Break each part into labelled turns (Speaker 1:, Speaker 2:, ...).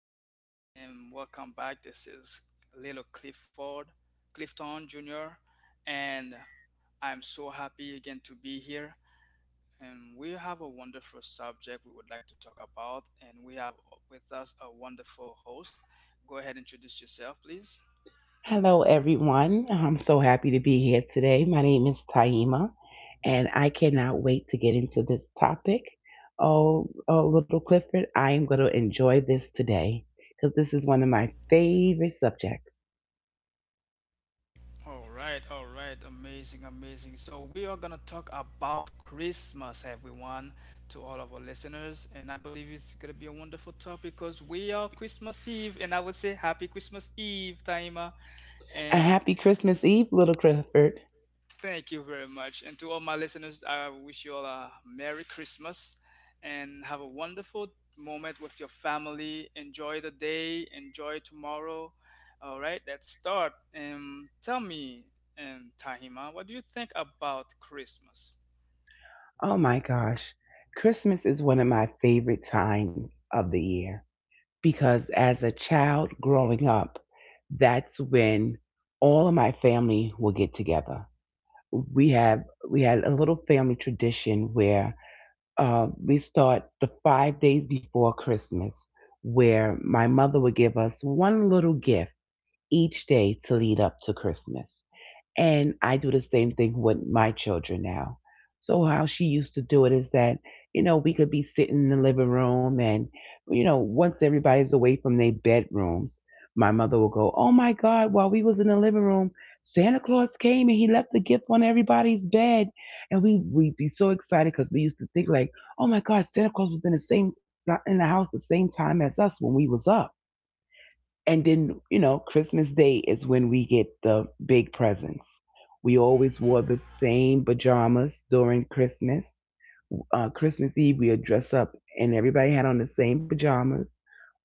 Speaker 1: everyone, and welcome back. This is Little Clifford, Clifton Jr., and I'm so happy again to be here. And we have a wonderful subject we would like to talk about, and we have with us a wonderful host. Go ahead, introduce yourself, please.
Speaker 2: Hello, everyone. I'm so happy to be here today. My name is Taima, and I cannot wait to get into this topic. Oh, oh, little Clifford, I am going to enjoy this today because this is one of my favorite subjects.
Speaker 1: All right, amazing, amazing. So we are gonna talk about Christmas, everyone, to all of our listeners, and I believe it's gonna be a wonderful topic because we are Christmas Eve, and I would say Happy Christmas Eve, Taima,
Speaker 2: A
Speaker 1: and
Speaker 2: happy Christmas Eve, little Clifford.
Speaker 1: thank you very much. And to all my listeners, I wish you all a Merry Christmas and have a wonderful moment with your family. Enjoy the day, enjoy tomorrow. All right, let's start. Tell me, Tahima, what do you think about Christmas?
Speaker 2: Oh my gosh, Christmas is one of my favorite times of the year because as a child growing up, that's when all of my family will get together. We had a little family tradition where we start the 5 days before Christmas, where my mother would give us one little gift each day to lead up to Christmas. And I do the same thing with my children now. So how she used to do it is that, you know, we could be sitting in the living room and, you know, once everybody's away from their bedrooms, my mother will go, "Oh my God, while we was in the living room, Santa Claus came and he left the gift on everybody's bed." And we'd be so excited because we used to think like, "Oh my God, Santa Claus was in the house the same time as us when we was up." And then, you know, Christmas Day is when we get the big presents. We always wore
Speaker 1: Mm-hmm.
Speaker 2: the same pajamas during Christmas. Christmas Eve, we would dress up and everybody had on the same pajamas.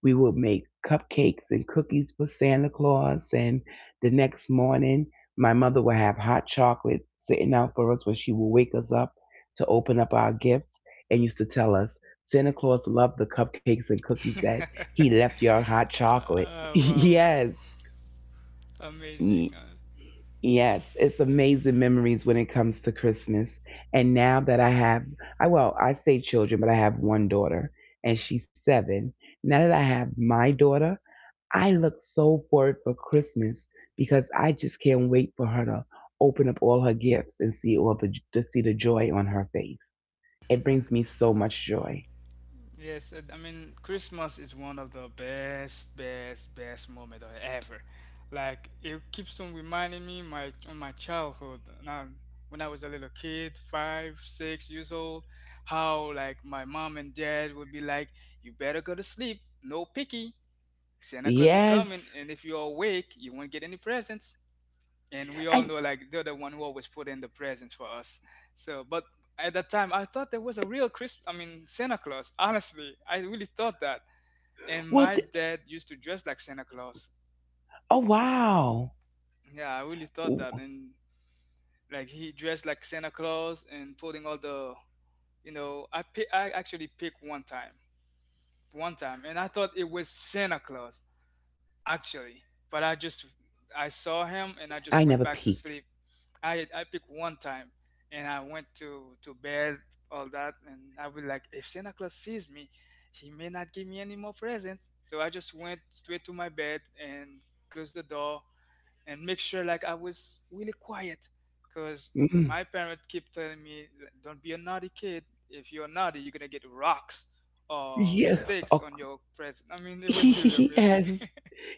Speaker 2: We would make cupcakes and cookies for Santa Claus. And the next morning, my mother would have hot chocolate sitting out for us when she would wake us up to open up our gifts, and used to tell us Santa Claus loved the cupcakes and cookies, that he left your hot chocolate.
Speaker 1: Wow,
Speaker 2: Yes.
Speaker 1: amazing.
Speaker 2: Yes, it's amazing memories when it comes to Christmas. And now that I have, I, well, I say children, but I have one daughter and she's 7. Now that I have my daughter, I look so forward for Christmas because I just can't wait for her to open up all her gifts and see all the to see the joy on her face. It brings me so much joy.
Speaker 1: Yes, and I mean Christmas is one of the best, best, best moment of ever. Like it keeps on reminding me my on my childhood. Now, when I was a little kid, five, six years old, how like my mom and dad would be like, "You better go to sleep. No picky. Santa Claus is
Speaker 2: Yes,
Speaker 1: coming, and if you're awake, you won't get any presents." And we all
Speaker 2: and
Speaker 1: know like they're the one who always put in the presents for us, so but at that time, I thought there was a real Christ. I mean, Santa Claus, honestly. I really thought that, and
Speaker 2: what?
Speaker 1: my dad used to dress like Santa Claus.
Speaker 2: Oh wow!
Speaker 1: Yeah, I really thought that. And like he dressed like Santa Claus and putting all the, I actually picked one time and I thought it was Santa Claus actually.
Speaker 2: I
Speaker 1: But
Speaker 2: never
Speaker 1: I just,
Speaker 2: peeked.
Speaker 1: I saw him and I just went back to sleep. I picked one time and I went to bed, all that. And I was like, if Santa Claus sees me, he may not give me any more presents. So I just went straight to my bed and closed the door and make sure like I was really quiet because
Speaker 2: Mm.
Speaker 1: my parents keep telling me don't be a naughty kid. If you're naughty, you're gonna get rocks or
Speaker 2: Yeah.
Speaker 1: sticks
Speaker 2: Oh,
Speaker 1: on your present. I mean, it was really amazing.
Speaker 2: yes.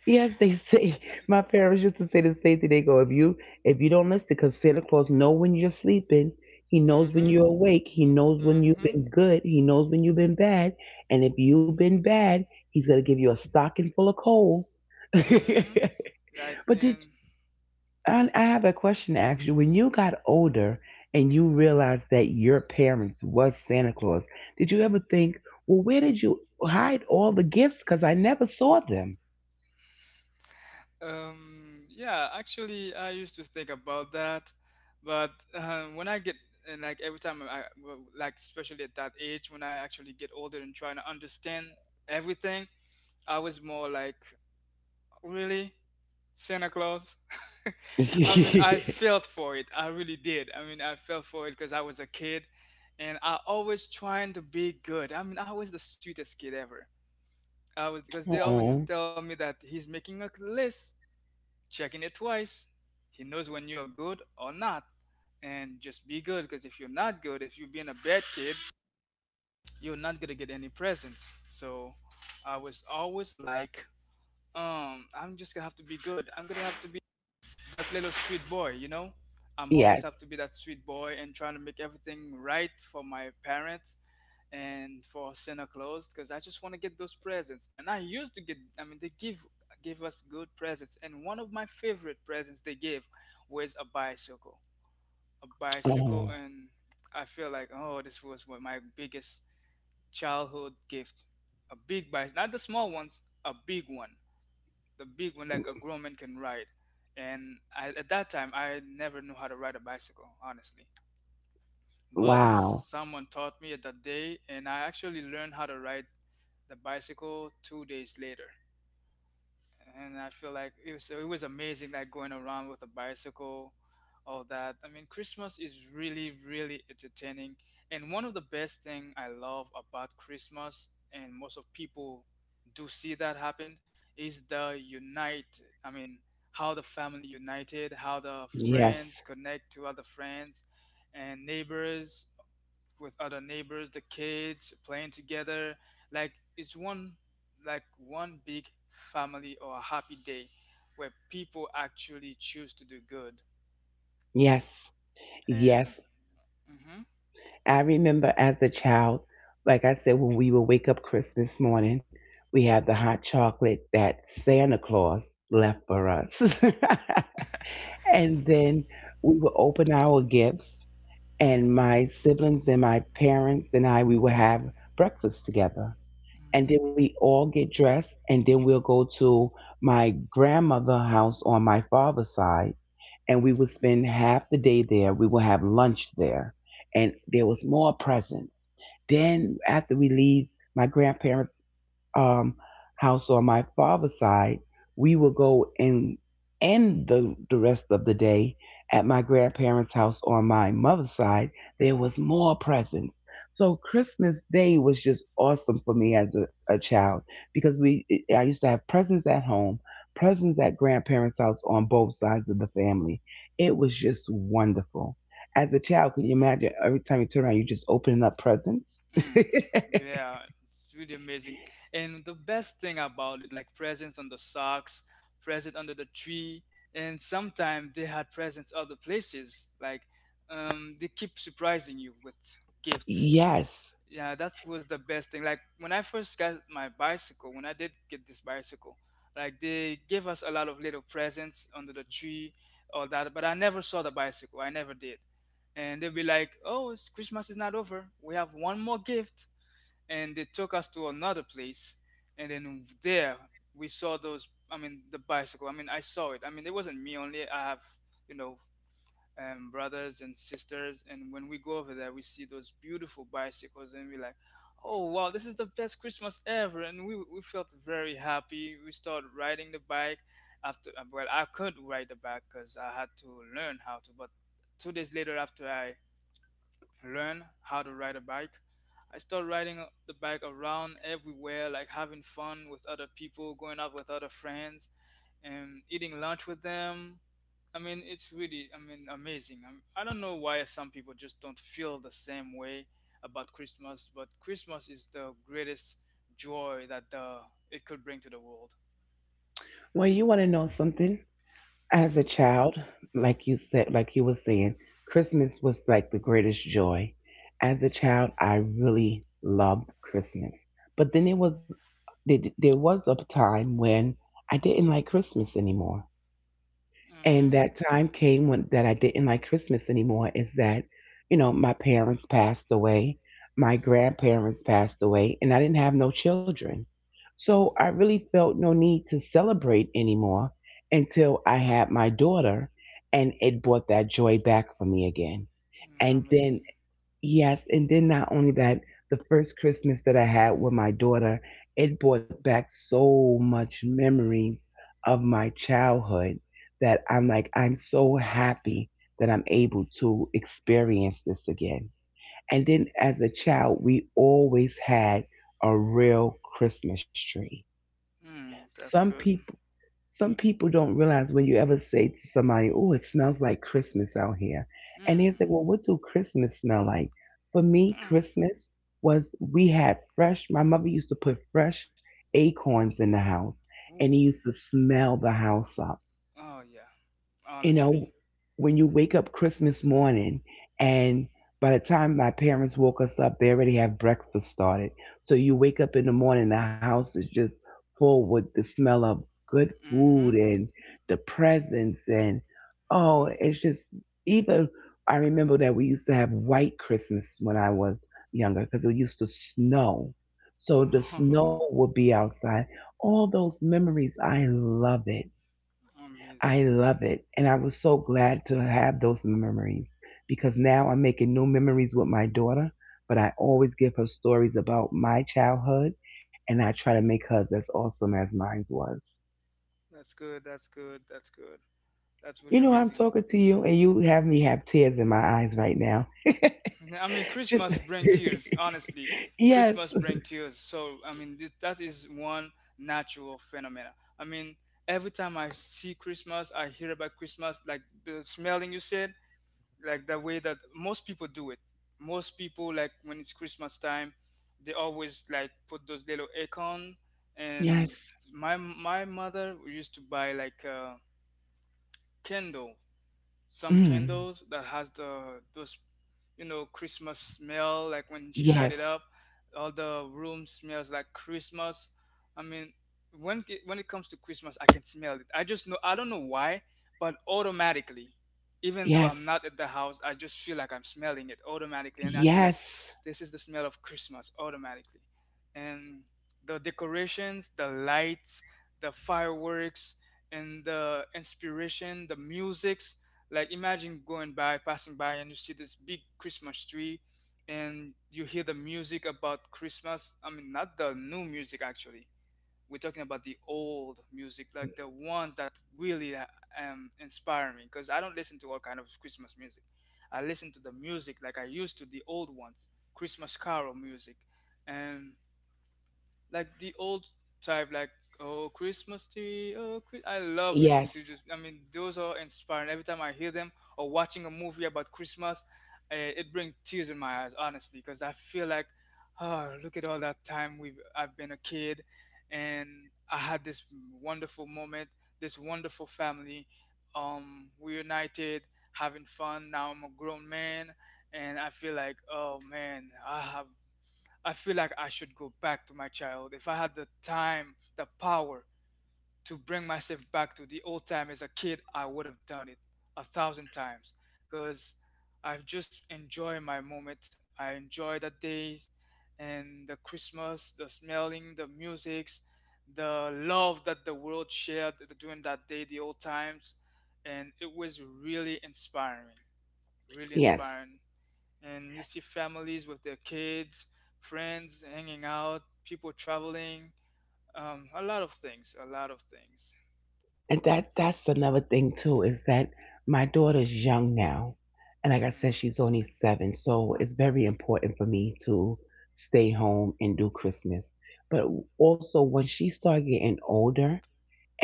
Speaker 2: Yes, they say. My parents used to say the same thing. They go, if you don't listen, because Santa Claus know when you're sleeping. He knows when
Speaker 1: Mm-hmm.
Speaker 2: you're awake. He knows when you've
Speaker 1: Mm-hmm.
Speaker 2: been good. He knows when you've been bad. And if you've been bad, he's gonna give you a stocking full of coal. But
Speaker 1: Mm-hmm. Like
Speaker 2: did
Speaker 1: and
Speaker 2: I have a question to ask you? When you got older and you realized that your parents was Santa Claus, did you ever think, well, where did you hide all the gifts? Because I never saw them.
Speaker 1: Yeah, actually I used to think about that, but when I get, and like every time I, well, like especially at that age when I actually get older and trying to understand everything, I was more like really Santa Claus. I mean, I felt for it. I really did. I mean, I felt for it because I was a kid, and I always trying to be good. I mean, I was the sweetest kid ever. I was because they
Speaker 2: Aw.
Speaker 1: always tell me that he's making a list, checking it twice. He knows when you're good or not, and just be good. Because if you're not good, if you're being a bad kid, you're not gonna get any presents. So I was always like, I'm just gonna have to be good. I'm gonna have to be that little sweet boy, you know? I'm always
Speaker 2: Yeah.
Speaker 1: have to be that sweet boy and trying to make everything right for my parents and for Santa Claus because I just want to get those presents. And I used to get, I mean, they give gave us good presents. And one of my favorite presents they gave was a bicycle, a bicycle.
Speaker 2: Oh,
Speaker 1: And I feel like, oh, this was one of my biggest childhood gift, a big bike, not the small ones, a big one the big one like a grown man can ride. And I, at that time, I never knew how to ride a bicycle, honestly. But
Speaker 2: wow.
Speaker 1: someone taught me that day, and I actually learned how to ride the bicycle 2 days later, and I feel like it was amazing, like going around with a bicycle, all that. I mean, Christmas is really, really entertaining, and one of the best thing I love about Christmas, and most of people do see that happen, is the unite. I mean, how the family united, how the
Speaker 2: Yes.
Speaker 1: friends connect to other friends and neighbors with other neighbors, the kids playing together. Like it's one like one big family or a happy day where people actually choose to do good.
Speaker 2: Yes.
Speaker 1: And
Speaker 2: Yes.
Speaker 1: mhm,
Speaker 2: I remember as a child, like I said, when we would wake up Christmas morning, we had the hot chocolate that Santa Claus left for us. And then we would open our gifts, and my siblings and my parents and I, we would have breakfast together.
Speaker 1: mhm,
Speaker 2: And then we all get dressed, and then we'll go to my grandmother's house on my father's side, and we would
Speaker 1: mhm.
Speaker 2: spend half the day there. We would have lunch there, and there was more presents. Then after we leave my grandparents' um, house on my father's side, we would go and end the rest of the day at my grandparents' house on my mother's side. There was more presents. So Christmas Day was just awesome for me as a child because we I used to have presents at home, presents at grandparents' house on both sides of the family. It was just wonderful. As a child, can you imagine every time you turn around, you are just opening up presents?
Speaker 1: Mm, yeah, it's really amazing. And the best thing about it, like presents on the socks, present under the tree, and sometimes they had presents other places. Like they keep surprising you with gifts.
Speaker 2: Yes.
Speaker 1: Yeah, that was the best thing. Like when I first got my bicycle, when I did get this bicycle, like they gave us a lot of little presents under the tree, all that. But I never saw the bicycle. I never did. And they'll be like, "Oh, Christmas is not over. We have one more gift." And they took us to another place, and then there we saw those. I mean, the bicycle. I mean, I saw it. I mean, it wasn't me only. I have, you know brothers and sisters. And when we go over there, we see those beautiful bicycles, and we're like, "Oh wow, this is the best Christmas ever!" And we felt very happy. We started riding the bike. After well, I could ride the bike because I had to learn how to. But 2 days later, after I learn how to ride a bike. I started riding the bike around everywhere, like having fun with other people, going out with other friends, and eating lunch with them. I mean, it's really, I mean, amazing. I do not know why some people just don't feel the same way about Christmas, but Christmas is the greatest joy that it could bring to the world.
Speaker 2: Well, you want to know something? As a
Speaker 1: Mm-hmm.
Speaker 2: child, like you were saying, Christmas was like the greatest joy. As a child, I really loved Christmas. But then there was a time when I didn't like Christmas anymore. And
Speaker 1: Mm-hmm.
Speaker 2: that time came when that I didn't like Christmas anymore is that, you know, my parents passed away, my grandparents passed away, and I didn't have no children. So I really felt no need to celebrate anymore until I had my daughter and it brought that joy back for me again.
Speaker 1: Mm,
Speaker 2: And then,
Speaker 1: amazing.
Speaker 2: yes, and then not only that, the first Christmas that I had with my daughter, it brought back so much memories of my childhood that I'm like, I'm so happy that I'm able to experience this again. And then as a child, we always had a real Christmas tree.
Speaker 1: Mm, that's
Speaker 2: Some
Speaker 1: good.
Speaker 2: people some people don't realize, when you ever say to somebody, "Oh, it smells like Christmas out here," and they say, "Well,
Speaker 1: Mm-hmm.
Speaker 2: what do Christmas smell like?" For me,
Speaker 1: Mm.
Speaker 2: Christmas was, we had fresh. My mother used to put fresh acorns in the house, and it
Speaker 1: Ooh.
Speaker 2: used to smell the house up.
Speaker 1: Oh yeah.
Speaker 2: You
Speaker 1: Honestly.
Speaker 2: know, when you wake up Christmas morning, and by the time my parents woke us up, they already have breakfast started. So you wake up in the morning, the house is just full with the smell of good food
Speaker 1: Mm-hmm.
Speaker 2: and the presents, and oh, it's just, even, I remember that we used to have white Christmas when I was younger because it used to snow. So the
Speaker 1: Oh,
Speaker 2: snow would be outside. All those memories, I love it. I
Speaker 1: amazing.
Speaker 2: love it. And I was so glad to have those memories because now I'm making new memories with my daughter, but I always give her stories about my childhood and I try to make hers as awesome as mine was.
Speaker 1: That's good. That's good. That's good. That's really
Speaker 2: You know, I'm
Speaker 1: amazing.
Speaker 2: talking to you and you have me have tears in my eyes right now.
Speaker 1: I mean,
Speaker 2: Just-
Speaker 1: Christmas bring tears. Honestly,
Speaker 2: yes,
Speaker 1: Christmas bring tears. So I mean, that is one natural phenomena. I mean, every time I see Christmas, I hear about Christmas, like the smelling you said, like the way that most people do it. Most people like when it's Christmas time, they always like put those little acorn. And
Speaker 2: yes,
Speaker 1: my mother used to buy like a candle some
Speaker 2: mm,
Speaker 1: candles that has the those you know Christmas smell. Like when she light it
Speaker 2: yes,
Speaker 1: up, all the room smells like Christmas. I mean, when it comes to Christmas, I can smell it. I just know. I don't know why, but automatically, even though
Speaker 2: yes,
Speaker 1: I'm not at the house, I just feel like I'm smelling it automatically, and I feel like
Speaker 2: yes,
Speaker 1: this is the smell of Christmas automatically. And the decorations, the lights, the fireworks, and the inspiration, the musics. Like imagine going by, passing by, and you see this big Christmas tree, and you hear the music about Christmas. I mean, not the new music actually. We're talking about the old music, like the ones that really inspire me. Because I don't listen to all kind of Christmas music. I listen to the music like I used to, the old ones, Christmas carol music, and like the old type, like "Oh Christmas tree, oh Chri-" I love listening
Speaker 2: yes,
Speaker 1: to this. I mean, those are inspiring. Every time I hear them or watching a movie about Christmas, it brings tears in my eyes, honestly, because I feel like, oh, look at all that time we've I've been a kid, and I had this wonderful moment, this wonderful family. We united, having fun. Now I'm a grown man, and I feel like, oh man, I feel like I should go back to my child. If I had the time, the power to bring myself back to the old time as a kid, I would have done it 1,000 times because I've just enjoyed my moment. I enjoy the days and the Christmas, the smelling, the musics, the love that the world shared during that day, the old times. And it was really inspiring, really
Speaker 2: yes.
Speaker 1: inspiring, and you see families with their kids, friends hanging out, people traveling, a lot of things, a lot of things.
Speaker 2: And that, that's another thing too, is that my daughter's young now, and like I said,
Speaker 1: Mm,
Speaker 2: she's only 7, so it's very important for me to stay home and do Christmas. But also when she started getting older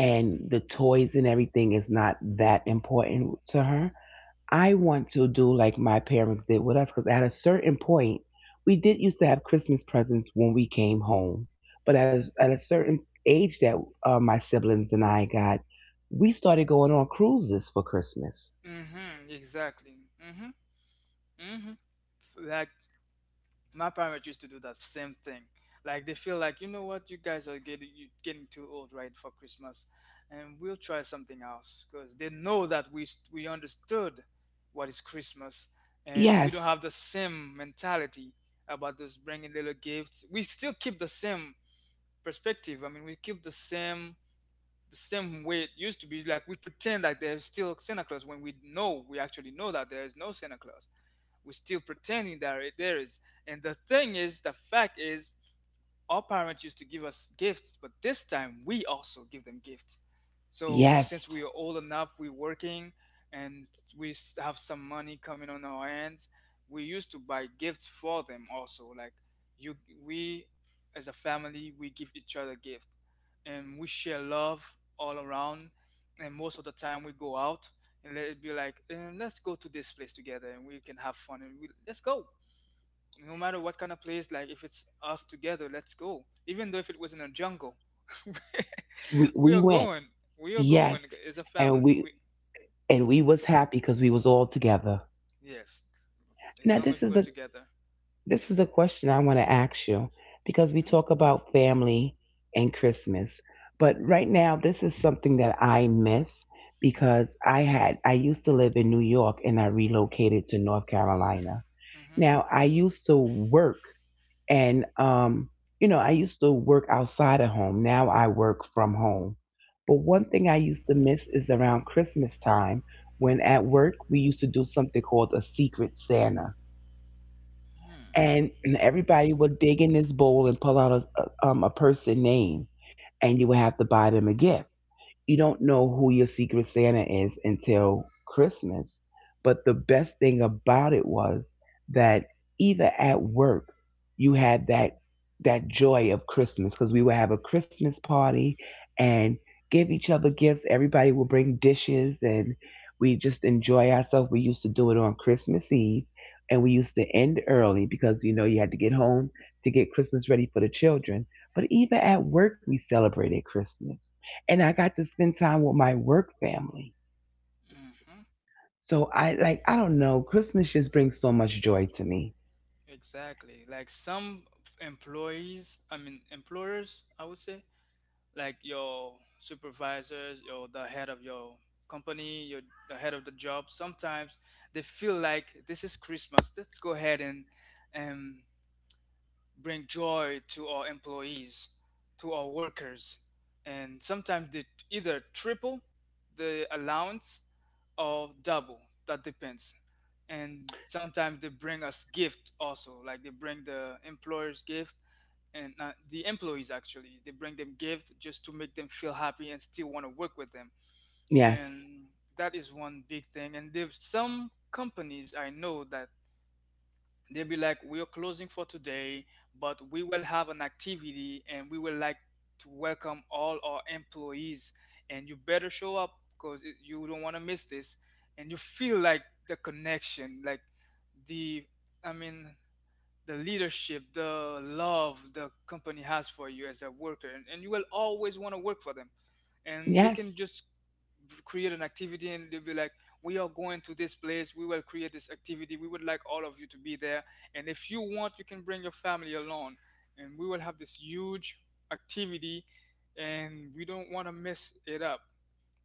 Speaker 1: mhm,
Speaker 2: the toys and everything is not that important to her, I want to do like my parents did with us because at a certain point, we did used to have Christmas presents when we came home. But as at a certain age that my siblings and I got, we started going on cruises for Christmas.
Speaker 1: mhm, exactly. Mhm, mhm. Like my parents used to do that same thing. Like they feel like, you know what, you guys are getting too old, right, for Christmas, and we'll try something else because they know that we understood what is Christmas, and we don't
Speaker 2: Yes,
Speaker 1: have the same mentality about those bringing little gifts. We still keep the same perspective. I mean, we keep the same way it used to be. Like we pretend like there's still Santa Claus when we know we actually know that there is no Santa Claus. We're still pretending that there is. And the fact is, our parents used to give us gifts, but this time we also give them gifts. So
Speaker 2: yes,
Speaker 1: since we are old enough, we're working and have some money coming on our hands, we used to buy gifts for them also. Like you, we as a family, we give each other gift and we share love all around. And most of the time, we go out and let it be like, "Eh, let's go to this place together and we can have fun and let's go no matter what kind of place, like if it's us together, let's go even though if it was in a jungle. We
Speaker 2: we
Speaker 1: are
Speaker 2: went.
Speaker 1: going, we are going
Speaker 2: Yes,
Speaker 1: as a
Speaker 2: and
Speaker 1: family,
Speaker 2: we
Speaker 1: we
Speaker 2: and we
Speaker 1: hmm,
Speaker 2: was happy because we was all together.
Speaker 1: yes, as
Speaker 2: Now
Speaker 1: long as
Speaker 2: this is
Speaker 1: we're
Speaker 2: a,
Speaker 1: together.
Speaker 2: this is a question I want to ask you because we
Speaker 1: Hmm.
Speaker 2: talk about family and Christmas. But right now, this is something that I miss because I used to live in New York and I relocated to North Carolina.
Speaker 1: Hmm.
Speaker 2: Now, I used to work and, you know, I used to work outside of home. Now I work from home. But one thing I used to miss is around Christmas time, when at work we used to do something called a secret Santa,
Speaker 1: Hmm.
Speaker 2: and everybody would dig in this bowl and pull out a person name, and you would have to buy them a gift. You don't know who your secret Santa is until Christmas. But the best thing about it was that even at work, you had that joy of Christmas because we would have a Christmas party and give each other gifts. Everybody would bring dishes and we just enjoy ourselves. We used to do it on Christmas Eve and we used to end early because you know you had to get home to get Christmas ready for the children. But even at work, we celebrated Christmas and I got to spend time with my work family. So I, like I don't know, Christmas just brings so much joy to me.
Speaker 1: Exactly. Like some employees I mean employers I would say, like your supervisors, your the head of your company, your the head of the job, sometimes they feel like, this is Christmas, let's go ahead and um, bring joy to our employees, to our workers, and sometimes they either triple the allowance or double. That depends. And sometimes they bring us gift also, like they bring the employers gift and the employees actually they bring them gift just to make them feel happy and still want to work with them.
Speaker 2: Yes.
Speaker 1: And that is one big thing. And there's some companies I know that they'll be like, we are closing for today, but we will have an activity and we will like to welcome all our employees and you better show up because you don't want to miss this. And you feel like the connection, like the I mean the leadership, the love the company has for you as a worker, and you will always want to work for them. And they
Speaker 2: Yes.
Speaker 1: can just create an activity and they'll be like, we are going to this place, we will create this activity, we would like all of you to be there. And if you want, you can bring your family along, and we will have this huge activity, and we don't want to mess it up.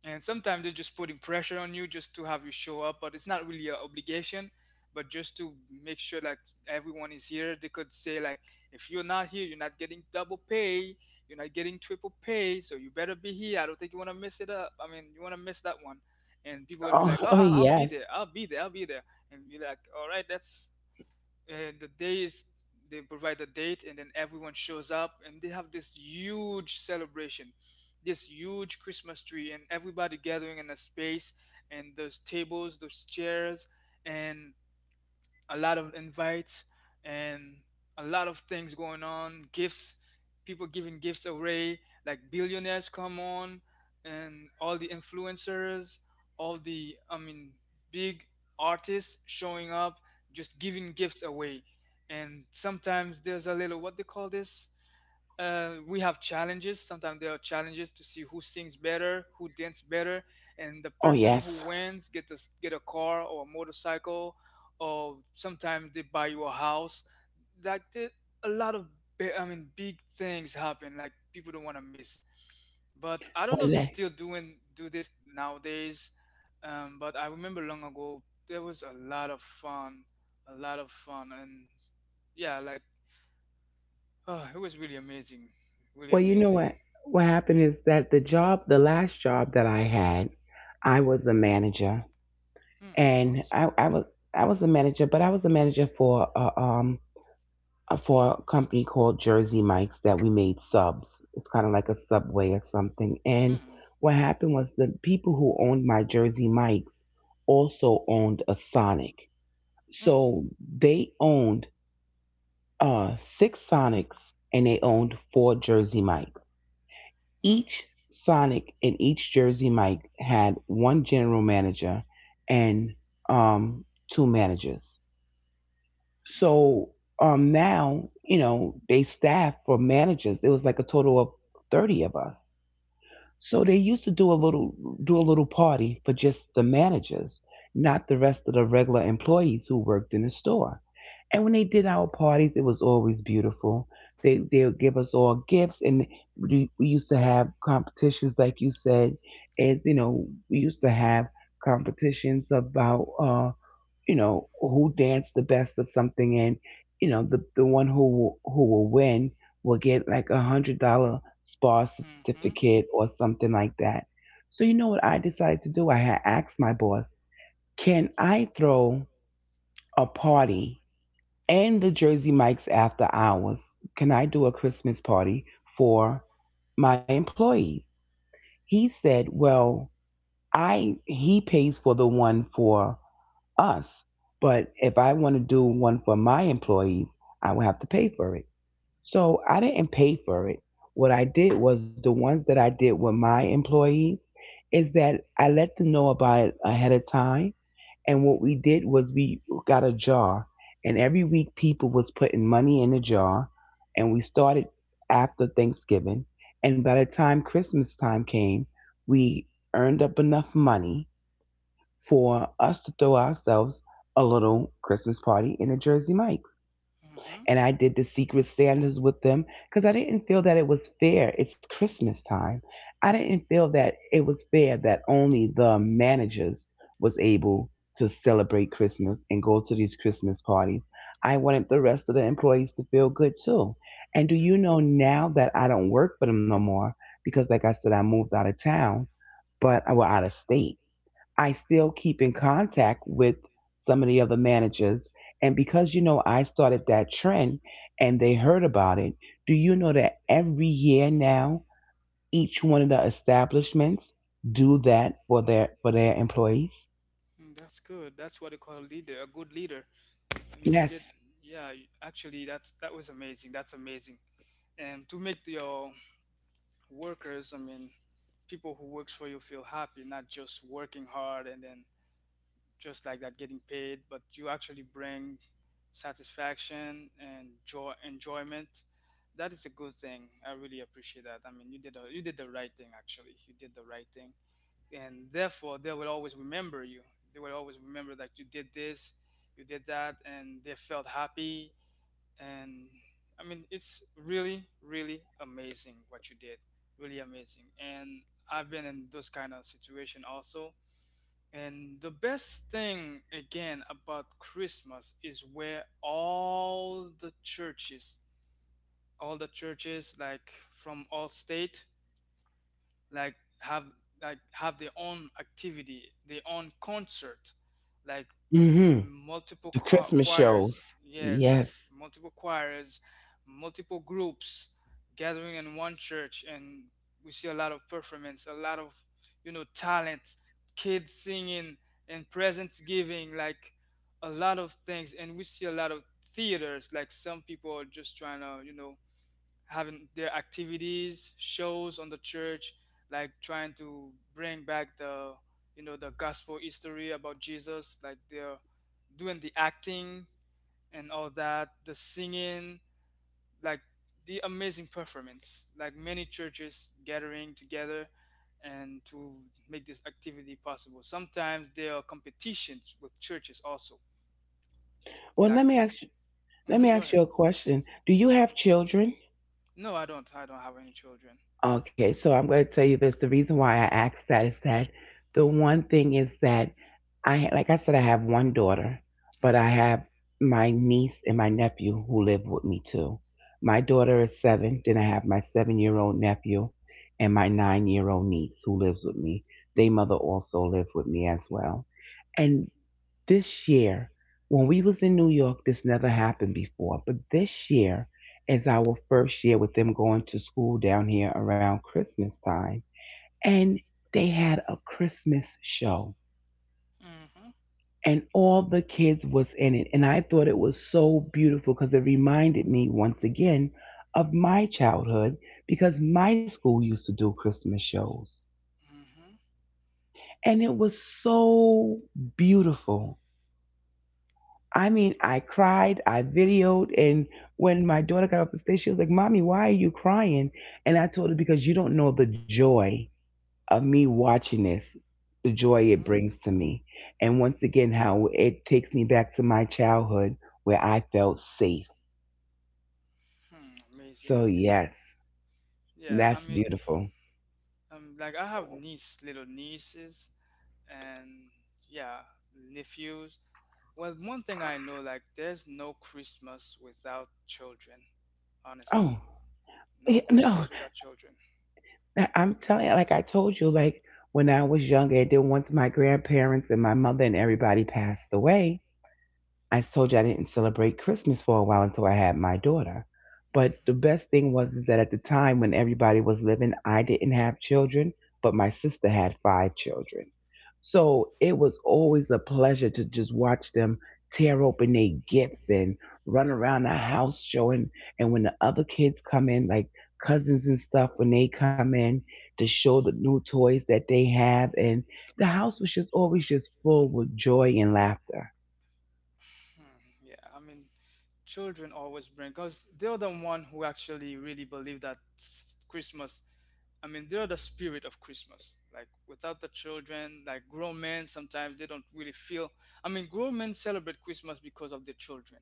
Speaker 1: And sometimes they're just putting pressure on you just to have you show up, but it's not really an obligation, but just to make sure like everyone is here. They could say like, if you're not here you're not getting double pay, you're not getting triple pay, so you better be here. I don't think you want to mess it up, I mean you want to miss that one. And people would be
Speaker 2: Oh,
Speaker 1: like,
Speaker 2: oh
Speaker 1: oh, I'll be
Speaker 2: yes.
Speaker 1: there, I'll be there, I'll be there. And be like, all right, that's the days, they provide the date and then everyone shows up and they have this huge celebration, this huge Christmas tree and everybody gathering in a space, and those tables, those chairs, and a lot of invites, and a lot of things going on. Gifts, people giving gifts away, like billionaires come on, and all the influencers, all the I mean big artists showing up, just giving gifts away. And sometimes there's a little, what they call this. We have challenges. Sometimes there are challenges to see who sings better, who dances better, and the
Speaker 2: Oh
Speaker 1: person who
Speaker 2: yes.
Speaker 1: wins get a car or a motorcycle or sometimes they buy you a house. Like the, a lot of big things happen. Like people don't want to miss. But I don't
Speaker 2: Well,
Speaker 1: know if they're
Speaker 2: le-,
Speaker 1: still doing do this nowadays. But I remember long ago there was a lot of fun, a lot of fun, and yeah, like, oh, it was really amazing, really
Speaker 2: well, you know
Speaker 1: amazing.
Speaker 2: what happened is that the job, the last job that I had, I was a manager,
Speaker 1: Mm,
Speaker 2: and
Speaker 1: awesome.
Speaker 2: I was a manager, but I was a manager for a company called Jersey Mike's that we made subs. It's kind of like a subway or something. And
Speaker 1: Mm.
Speaker 2: what happened was the people who owned my Jersey Mike's also owned a Sonic.
Speaker 1: Mm.
Speaker 2: So they owned six Sonics and they owned four Jersey Mike's.
Speaker 1: Mm.
Speaker 2: Each Sonic and each Jersey Mike had one general manager and um, two managers.
Speaker 1: Mm.
Speaker 2: So now, you know, they staff for managers. It was like a total of 30 of us. So they used to do a little, party for just the managers, not the rest of the regular employees who worked in the store. And when they did our parties, it was always beautiful. They would give us all gifts, and we used to have competitions, like you said, as you know, we used to have competitions about who danced the best or something. And the one who will win will get like $100 spa
Speaker 1: Mm-hmm.
Speaker 2: certificate or something like that. So you know what I decided to do? I had asked my boss, can I throw a party and the Jersey Mikes after hours? Can I do a Christmas party for my employees? He said, well, I he pays for the one for us. But if I want to do one for my employees, I will have to pay for it. So I didn't pay for it. What I did was the ones that I did with my employees is that I let them know about it ahead of time. And what we did was we got a jar, and every week people was putting money in the jar, and we started after Thanksgiving. And by the time Christmas time came, we earned up enough money for us to throw ourselves a little Christmas party in a Jersey Mike's.
Speaker 1: Mm-hmm.
Speaker 2: And I did the Secret Santas with them because I didn't feel that it was fair. It's Christmas time. I didn't feel that it was fair that only the managers was able to celebrate Christmas and go to these Christmas parties. I wanted the rest of the employees to feel good too. And do
Speaker 1: Okay.
Speaker 2: you know now that I don't work for them no more because like I said, I moved out of town, but I was out of state, I still keep in contact with some of the other managers. And because I started that trend and they heard about it, do you know that every year now each one of the establishments do that for their employees?
Speaker 1: Mm, that's good. That's what they call a leader, a good leader. I mean, you did,
Speaker 2: Yes.
Speaker 1: yeah. Actually, that was amazing. That's amazing. And to make your workers, I mean, people who works for you feel happy, not just working hard and then just like that getting paid, but you actually bring satisfaction and joy, enjoyment. That is a good thing. I really appreciate that. I mean, you did the right thing actually. You did the right thing, and therefore they will always remember you. They will always remember that you did this, you did that, and they felt happy. And I mean it's really really amazing what you did, really amazing. And I've been in those kind of situation also, and the best thing again about Christmas is where all the churches like from all state like have like have their own activity, their own concert, like
Speaker 2: Mhm.
Speaker 1: multiple
Speaker 2: The Christmas shows.
Speaker 1: choirs,
Speaker 2: Yes.
Speaker 1: yes, multiple choirs, multiple groups gathering in one church. And we see a lot of performance, a lot of, you know, talent, kids singing, and presents giving, like a lot of things. And we see a lot of theaters, like some people are just trying to, you know, having their activities, shows on the church, like trying to bring back the, you know, the gospel history about Jesus, like they're doing the acting and all that, the singing, like the amazing performance, like many churches gathering together and to make this activity possible. Sometimes there are competitions with churches also.
Speaker 2: Well,
Speaker 1: Like,
Speaker 2: let me ask you, let me
Speaker 1: mhm, go
Speaker 2: ask
Speaker 1: ahead.
Speaker 2: you a question. Do you have children?
Speaker 1: No, I don't. I don't have any children.
Speaker 2: Okay, so I'm going to tell you this. The reason why I asked that is that the one thing is that like I said, I have one daughter, but I
Speaker 1: Hmm.
Speaker 2: have my niece and my nephew who live with me too. My daughter is 7. Then I have my 7-year-old nephew and my 9-year-old niece who lives with me. They mother also live with me as well. And this year, when we was in New York, this never happened before, but this year is our first year with them going to school down here around Christmas time. And they had a Christmas show,
Speaker 1: Hmm.
Speaker 2: and all the kids was in it, and I thought it was so beautiful because it reminded me once again of my childhood, because my school used to do Christmas shows.
Speaker 1: Hmm.
Speaker 2: And it was so beautiful. I mean, I cried, I videoed, and when my daughter got off the stage, she was like, "Mommy, why are you crying?" And I told her, because you don't know the joy of me watching this, the joy it
Speaker 1: Hmm.
Speaker 2: brings to me. And once again, how it takes me back to my childhood where I felt safe.
Speaker 1: Hmm, amazing.
Speaker 2: So, yes,
Speaker 1: Yeah, I
Speaker 2: that's
Speaker 1: mean,
Speaker 2: beautiful.
Speaker 1: like I have niece, little nieces, and yeah, nephews. Well, one thing I know, like, there's no Christmas without children. Honestly,
Speaker 2: Oh,
Speaker 1: no
Speaker 2: yeah,
Speaker 1: Christmas
Speaker 2: no,
Speaker 1: without children.
Speaker 2: I'm telling you, like I told you, like when I was younger, and then once my grandparents and my mother and everybody passed away, I told you I didn't celebrate Christmas for a while until I had my daughter. But the best thing was is that at the time when everybody was living, I didn't have children, but my sister had five children. So it was always a pleasure to just watch them tear open their gifts and run around the house showing. And when the other kids come in, like cousins and stuff, when they come in to show the new toys that they have, and the house was just always just full with joy and laughter.
Speaker 1: Hmm, yeah, I mean, children always bring because they're the one who actually really believe that christmas, they're the spirit of Christmas. Like without the children, like grown men sometimes they don't really feel, I mean grown men celebrate Christmas because of their children.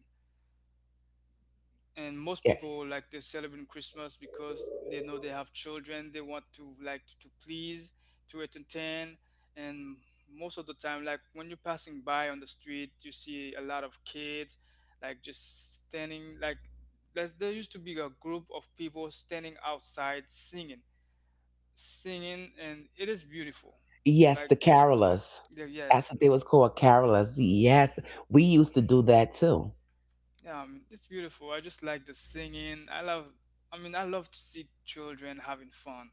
Speaker 1: And most people, like, they are celebrating Christmas because they know they have children, they want to, like, to please, to entertain. And most of the time, like when you're passing by on the street you see a lot of kids, like just standing, like there used to be a group of people standing outside singing, singing, and it is beautiful,
Speaker 2: Yes,
Speaker 1: like
Speaker 2: the carolers. That's
Speaker 1: yes.
Speaker 2: what they was called, carolers. Yes, we used to do that too.
Speaker 1: It's beautiful. I just like the singing. I love to see children having fun.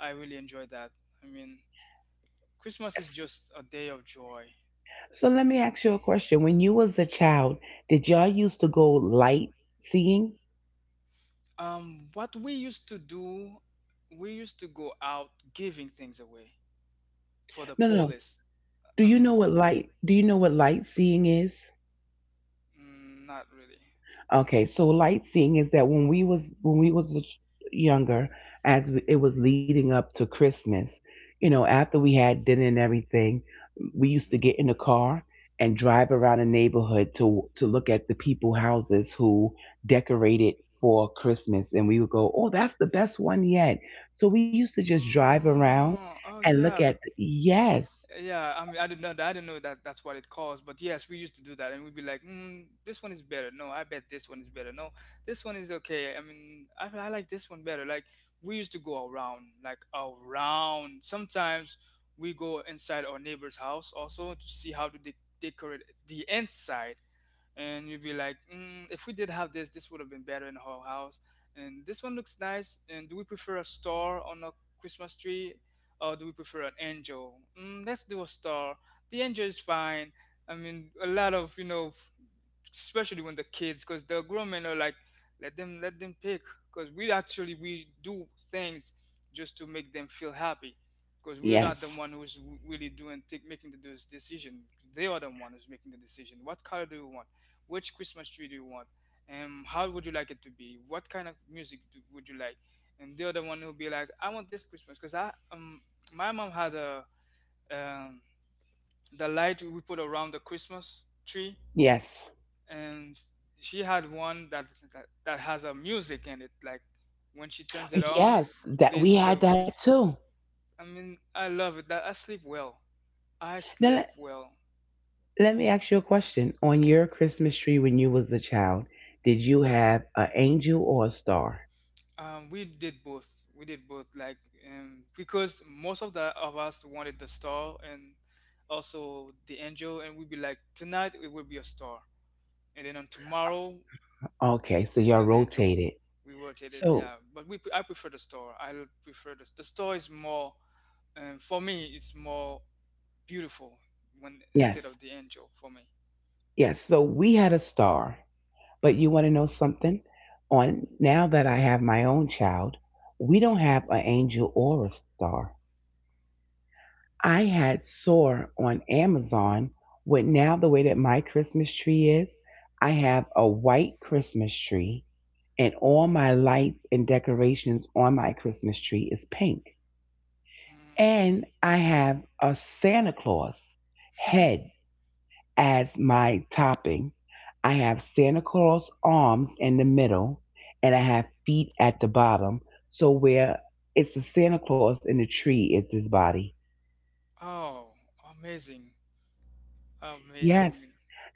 Speaker 1: I really enjoy that. I mean, Christmas is
Speaker 2: S-
Speaker 1: just a day of joy.
Speaker 2: So let me ask you a question. When you was a child, did y'all used to go light seeing?
Speaker 1: What we used to do, we used to go out giving things away for the
Speaker 2: No, no, no.
Speaker 1: police.
Speaker 2: Do
Speaker 1: I
Speaker 2: you
Speaker 1: mean,
Speaker 2: know what
Speaker 1: s-
Speaker 2: light? Do you know what light seeing is?
Speaker 1: not really.
Speaker 2: Okay, so light seeing is that when we was younger, as we, it was leading up to Christmas, you know, after we had dinner and everything, we used to get in the car and drive around the neighborhood to look at the people houses who decorated for Christmas, and we would go, "Oh, that's the best one yet." So we used to just drive around
Speaker 1: Oh, oh
Speaker 2: and look
Speaker 1: yeah.
Speaker 2: at. Yes,
Speaker 1: Yeah, I mean, I didn't know that. I didn't know that that's what it caused. But yes, we used to do that, and we'd be like, mm, "This one is better." No, I bet this one is better. No, this one is okay. I mean, I like this one better. Like we used to go around, like around. Sometimes we go inside our neighbor's house also to see how to decorate the inside, and you'd be like, mm, if we did have this, this would have been better in our house. And this one looks nice. And do we prefer a star on a Christmas tree, or do we prefer an angel? Mm, let's do a star. The angel is fine. I mean, a lot of, you know, especially when the kids, because the grown men are like, let them pick, because we actually we do things just to make them feel happy. Because we're not the
Speaker 2: yes,
Speaker 1: one who's really making the, those decision. They are the one who's making the decision. What color do you want? Which Christmas tree do you want? How would you like it to be? What kind of music would you like? And the other one will be like, I want this Christmas because I my mom had a, um, the light we put around the Christmas tree,
Speaker 2: yes,
Speaker 1: and she had one that that has a music in it. Like when she turns it on,
Speaker 2: yes. That
Speaker 1: plays
Speaker 2: we
Speaker 1: the
Speaker 2: had that
Speaker 1: music.
Speaker 2: too.
Speaker 1: I mean, I love it. That I sleep well. I sleep
Speaker 2: Now,
Speaker 1: well.
Speaker 2: let me ask you a question. On your Christmas tree when you was a child, did you have an angel or a star?
Speaker 1: We did both. We did both, like, because most of the of us wanted the star and also the angel, and we'd be like, tonight it will be a star, and then on tomorrow
Speaker 2: Okay, so
Speaker 1: it's
Speaker 2: y'all
Speaker 1: an angel.
Speaker 2: rotated.
Speaker 1: We rotated,
Speaker 2: So,
Speaker 1: yeah. But we I prefer the star. Prefer the star is more, for me. It's more beautiful when instead
Speaker 2: yes,
Speaker 1: of the angel for me.
Speaker 2: yes. So we had a star. But you want to know something? On now that I have my own child, we don't have an angel or a star. I had soar on Amazon with now the way that my Christmas tree is, I have a white Christmas tree, and all my lights and decorations on my Christmas tree is pink.
Speaker 1: Mm.
Speaker 2: And I have a Santa Claus head as my topping. I have Santa Claus arms in the middle, and I have feet at the bottom. So where it's the Santa Claus in the tree, it's his body.
Speaker 1: Oh, amazing,
Speaker 2: Yes.
Speaker 1: amazing.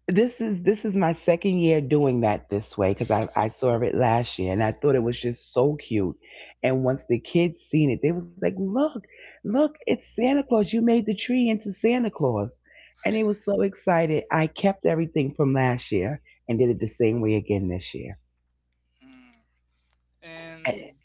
Speaker 2: This is my second year doing that this way because I saw it last year and I thought it was just so cute. And once the kids seen it, they was like, "Look, look, it's Santa Claus. You made the tree into Santa Claus." And they was so excited. I kept everything from last year and did it the same way again this year.
Speaker 1: Mm. And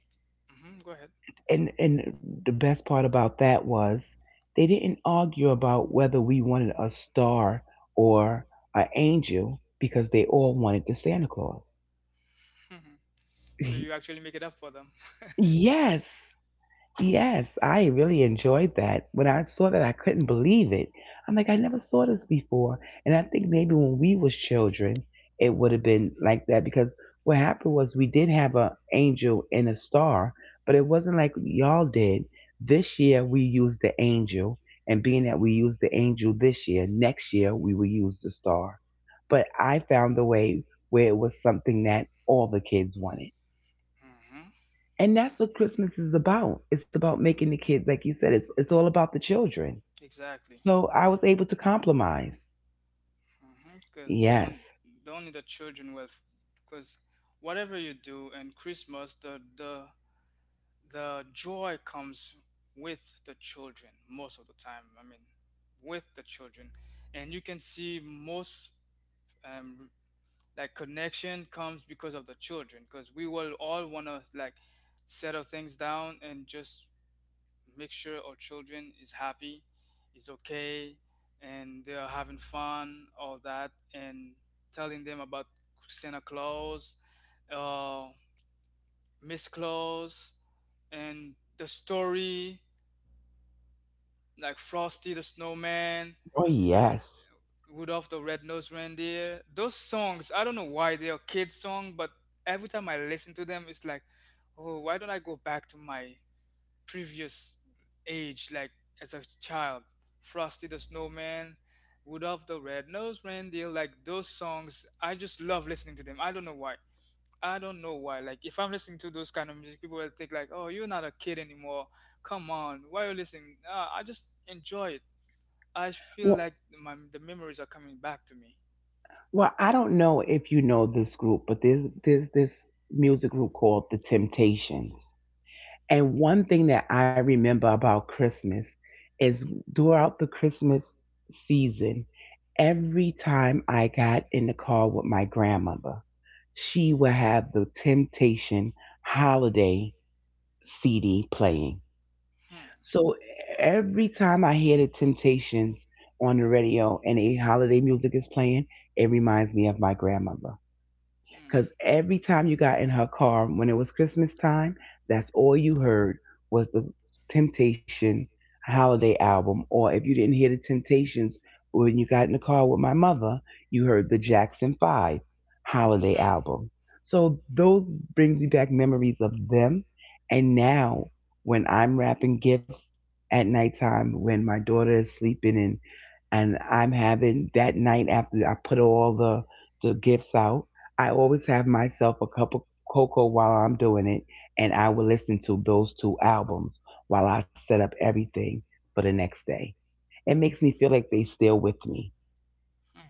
Speaker 1: mhm, go ahead.
Speaker 2: And the best part about that was they didn't argue about whether we wanted a star or an angel, because they all wanted the Santa Claus.
Speaker 1: So you actually make it up for them.
Speaker 2: Yes, yes, I really enjoyed that. When I saw that, I couldn't believe it. I'm like, I never saw this before. And I think maybe when we was children, it would have been like that, because what happened was we did have a angel and a star, but it wasn't like y'all did. This year we used the angel, and being that we used the angel this year, next year we will use the star. But I found the way where it was something that all the kids wanted.
Speaker 1: Hmm.
Speaker 2: And that's what Christmas is about. It's about making the kids, like you said, it's all about the children.
Speaker 1: Exactly.
Speaker 2: So I was able to compromise.
Speaker 1: Because on
Speaker 2: Yes.
Speaker 1: the only the children will, because whatever you do in Christmas, the joy comes with the children most of the time. I mean, with the children, and you can see most um, like connection comes because of the children. Because we will all wanna like settle things down and just make sure our children is happy, is okay, and they are having fun, all that, and telling them about Santa Claus, uh, Miss Claus, and the story like Frosty the Snowman,
Speaker 2: Oh yes.
Speaker 1: Rudolph the Red-Nosed Reindeer. Those songs, I don't know why they are kids' song, but every time I listen to them, it's like, oh, why don't I go back to my previous age, like as a child. Frosty the Snowman, Rudolph the Red-Nosed Reindeer, like those songs, I just love listening to them. I don't know why. I don't know why. Like if I'm listening to those kind of music, people will think like, "Oh, you're not a kid anymore. Come on, why are you listening?" I just enjoy it. I feel
Speaker 2: Well
Speaker 1: like my the memories are coming back to me.
Speaker 2: well, I don't know if you know this group, but there's this music group called The Temptations. And one thing that I remember about Christmas is, throughout the Christmas season, every time I got in the car with my grandmother, she would have the Temptation Holiday CD playing.
Speaker 1: Hmm.
Speaker 2: So every time I hear the Temptations on the radio and a holiday music is playing, it reminds me of my grandmother.
Speaker 1: Hmm.
Speaker 2: Because every time you got in her car when it was Christmas time, that's all you heard was the Temptation holiday album. Or if you didn't hear the Temptations when you got in the car with my mother, you heard the Jackson 5 holiday
Speaker 1: Hmm.
Speaker 2: album. So those brings me back memories of them. And now, when I'm wrapping gifts at nighttime, when my daughter is sleeping, and I'm having that night after I put all the gifts out, I always have myself a cup of cocoa while I'm doing it, and I will listen to those two albums while I set up everything for the next day. It makes me feel like they still with me.
Speaker 1: Hmm.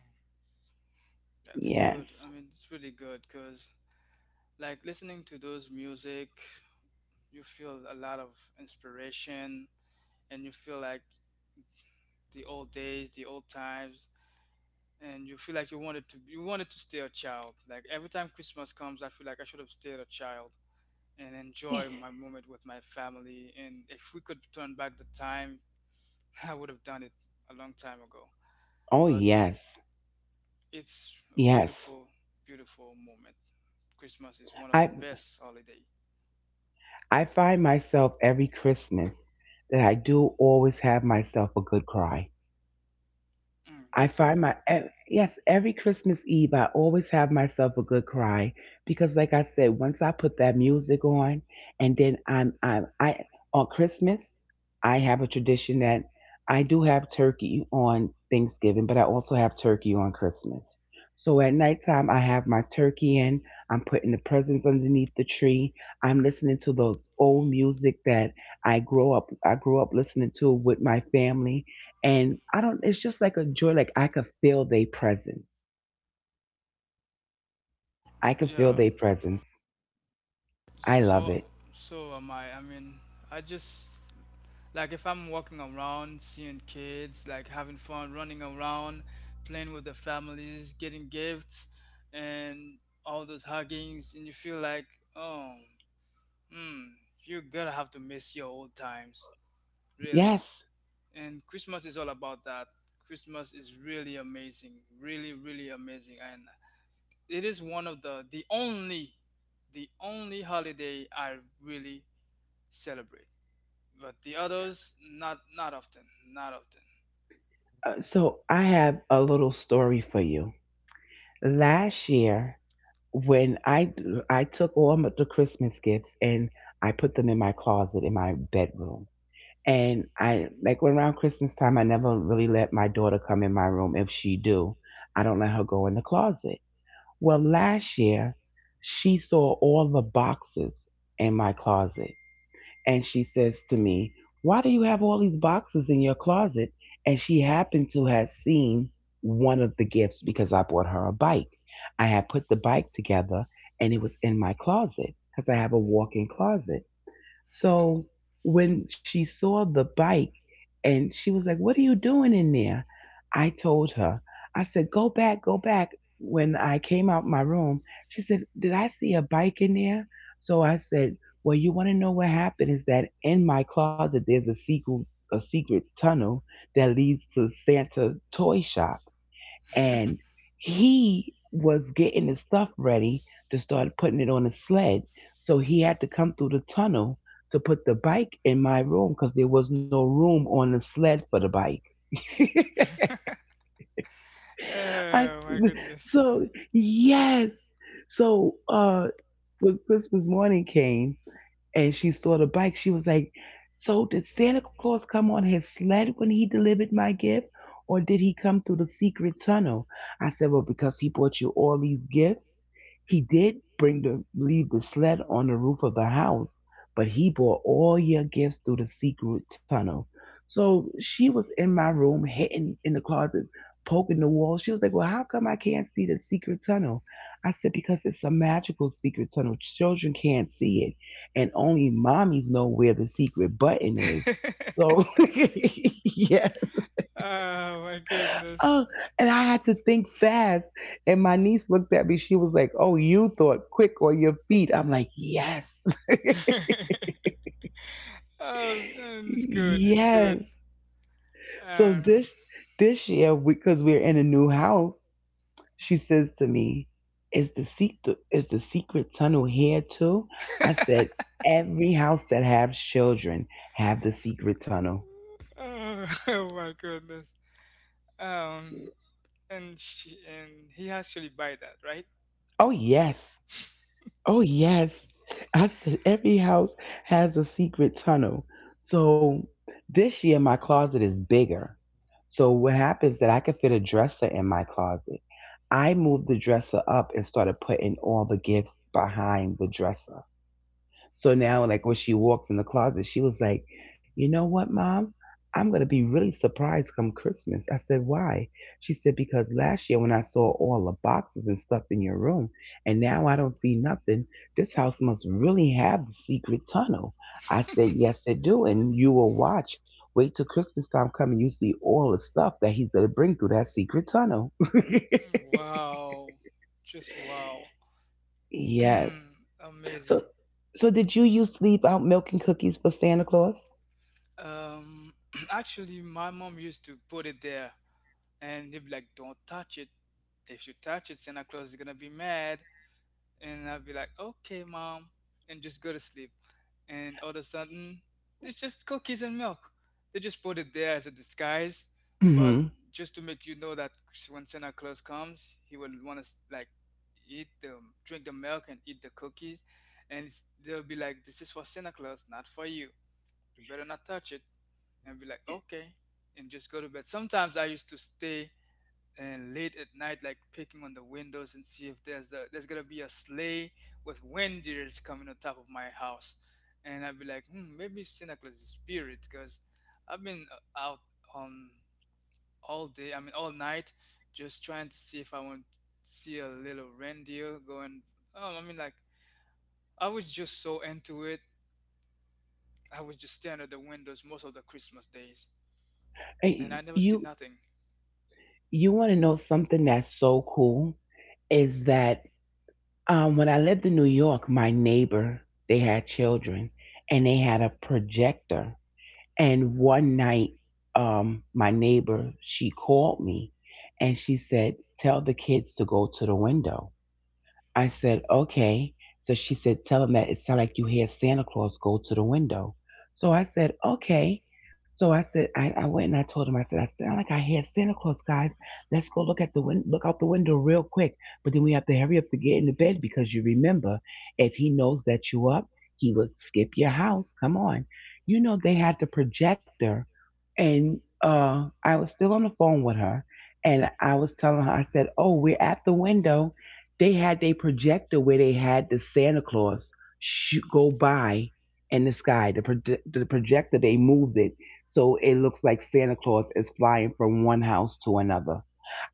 Speaker 1: That's good.
Speaker 2: Yes.
Speaker 1: I mean, it's really good because like listening to those music you feel a lot of inspiration and you feel like the old days, the old times, and you feel like you wanted to stay a child. Like every time Christmas comes, I feel like I should have stayed a child and enjoy my moment with my family. And if we could turn back the time, I would have done it a long time ago.
Speaker 2: Oh
Speaker 1: But
Speaker 2: yes.
Speaker 1: it's a
Speaker 2: Yes.
Speaker 1: beautiful, beautiful moment. Christmas is one of
Speaker 2: I
Speaker 1: the best holiday.
Speaker 2: I find myself every Christmas that I do always have myself a good cry.
Speaker 1: Mm,
Speaker 2: I
Speaker 1: me too.
Speaker 2: find yes, every Christmas Eve I always have myself a good cry, because like I said, once I put that music on, and then I'm I on Christmas, I have a tradition that I do have turkey on Thanksgiving, but I also have turkey on Christmas. So at nighttime, I have my turkey in, I'm putting the presents underneath the tree. I'm listening to those old music that I grew up listening to with my family, and I don't, it's just like a joy. Like, I could feel their presence. I could feel
Speaker 1: Yeah.
Speaker 2: their presence. I
Speaker 1: So
Speaker 2: love it.
Speaker 1: so am I. I mean, I just like if I'm walking around, seeing kids, like having fun, running around, playing with the families, getting gifts, and all those huggings, and you feel like, oh, hmm, you're gonna have to miss your old times, really.
Speaker 2: Yes.
Speaker 1: And Christmas is all about that. Christmas is really amazing, really, really amazing, and it is one of the only holiday I really celebrate. But the others, not not often, not often.
Speaker 2: So I have a little story for you. Last year, when I took all the Christmas gifts and I put them in my closet in my bedroom, and I like, when around Christmas time, I never really let my daughter come in my room. If she do, I don't let her go in the closet. Well, last year, she saw all the boxes in my closet. And she says to me, "Why do you have all these boxes in your closet?" And she happened to have seen one of the gifts because I bought her a bike. I had put the bike together and it was in my closet because I have a walk in closet. So when she saw the bike and she was like, "What are you doing in there?" I told her, I said, "Go back, go back." When I came out my room, she said, "Did I see a bike in there?" So I said, "Well, you want to know what happened is that in my closet there's a secret tunnel that leads to Santa toy shop, and he was getting his stuff ready to start putting it on the sled. So he had to come through the tunnel to put the bike in my room because there was no room on the sled for the bike." I,
Speaker 1: Oh my goodness!
Speaker 2: so yes, so When Christmas morning came and she saw the bike, she was like, "So did Santa Claus come on his sled when he delivered my gift, or did he come through the secret tunnel?" I said, "Well, because he brought you all these gifts. He did bring the leave the sled on the roof of the house, but he brought all your gifts through the secret tunnel." So she was in my room, hitting in the closet, poking the wall. She was like, "Well, how come I can't see the secret tunnel?" I said, "Because it's a magical secret tunnel. Children can't see it. And only mommies know where the secret button is." So yeah,
Speaker 1: Oh my goodness!
Speaker 2: oh, and I had to think fast. And my niece looked at me. She was like, "Oh, you thought quick or your feet." I'm like, "Yes."
Speaker 1: Oh, and it's good, it's good.
Speaker 2: Yes. So
Speaker 1: Um,
Speaker 2: this year, because we're in a new house, she says to me, "Is the secret tunnel here too?" I said, "Every house that has children have the secret tunnel."
Speaker 1: oh, oh my goodness! Um, and she and he actually buy that, right?
Speaker 2: Oh, yes. Oh, yes. I said every house has a secret tunnel. So this year my closet is bigger. So what happens that I could fit a dresser in my closet. I moved the dresser up and started putting all the gifts behind the dresser. So now,
Speaker 1: Mhm.
Speaker 2: like when she walks in the closet, she was like, "You know what, mom? I'm gonna be really surprised come Christmas." I said, "Why?" She said, "Because last year when I saw all the boxes and stuff in your room, and now I don't see nothing. This house must really have the secret tunnel." I said, "Yes, it do, and you will watch. Wait till Christmas time come and you see all the stuff that he's gonna bring through that secret tunnel."
Speaker 1: Mm, wow, just wow,
Speaker 2: Yes.
Speaker 1: amazing.
Speaker 2: So, so did you used to leave out milk and cookies for Santa Claus?
Speaker 1: Um, Actually, my mom used to put it there and he'd be like, "Don't touch it. If you touch it, Santa Claus is gonna be mad." And I'd be like, "Okay, mom," and just go to sleep. And all of a sudden, it's just cookies and milk. They just put it there as a disguise, but just to make you know that when Santa Claus comes, he will want to like eat the drink the milk and eat the cookies, and it's, they'll be like, "This is for Santa Claus, not for you. You better not touch it." And be like, "Okay," and just go to bed. Sometimes I used to stay and late at night, like picking on the windows and see if there's gonna be a sleigh with reindeers coming on top of my house, and I'd be like, hmm, maybe it's Santa Claus is spirit, because I've been out on all day, I mean all night, just trying to see if I want to see a little reindeer going. I mean like I was just so into it. I was just staring at the windows most of the Christmas days, and I
Speaker 2: Hey,
Speaker 1: never see
Speaker 2: You
Speaker 1: nothing.
Speaker 2: you want to know something that's so cool is that when I lived in New York, my neighbor they had children and they had a projector. And one night, my neighbor she called me and she said, "Tell the kids to go to the window." I said, "Okay." So she said, tell him that it sounded like you heard Santa Claus go to the window. So I said, "Okay." So I said, I went and I told him, I said, "I sound like I hear Santa Claus, guys. Let's go look at the look out the window real quick. But then we have to hurry up to get into bed because you remember, if he knows that you up, he would skip your house. Come on." You know, they had the projector and I was still on the phone with her and I was telling her, I said, "Oh, we're at the window." They had a projector where they had the Santa Claus shoot, go by in the sky. The, the projector, they moved it so it looks like Santa Claus is flying from one house to another.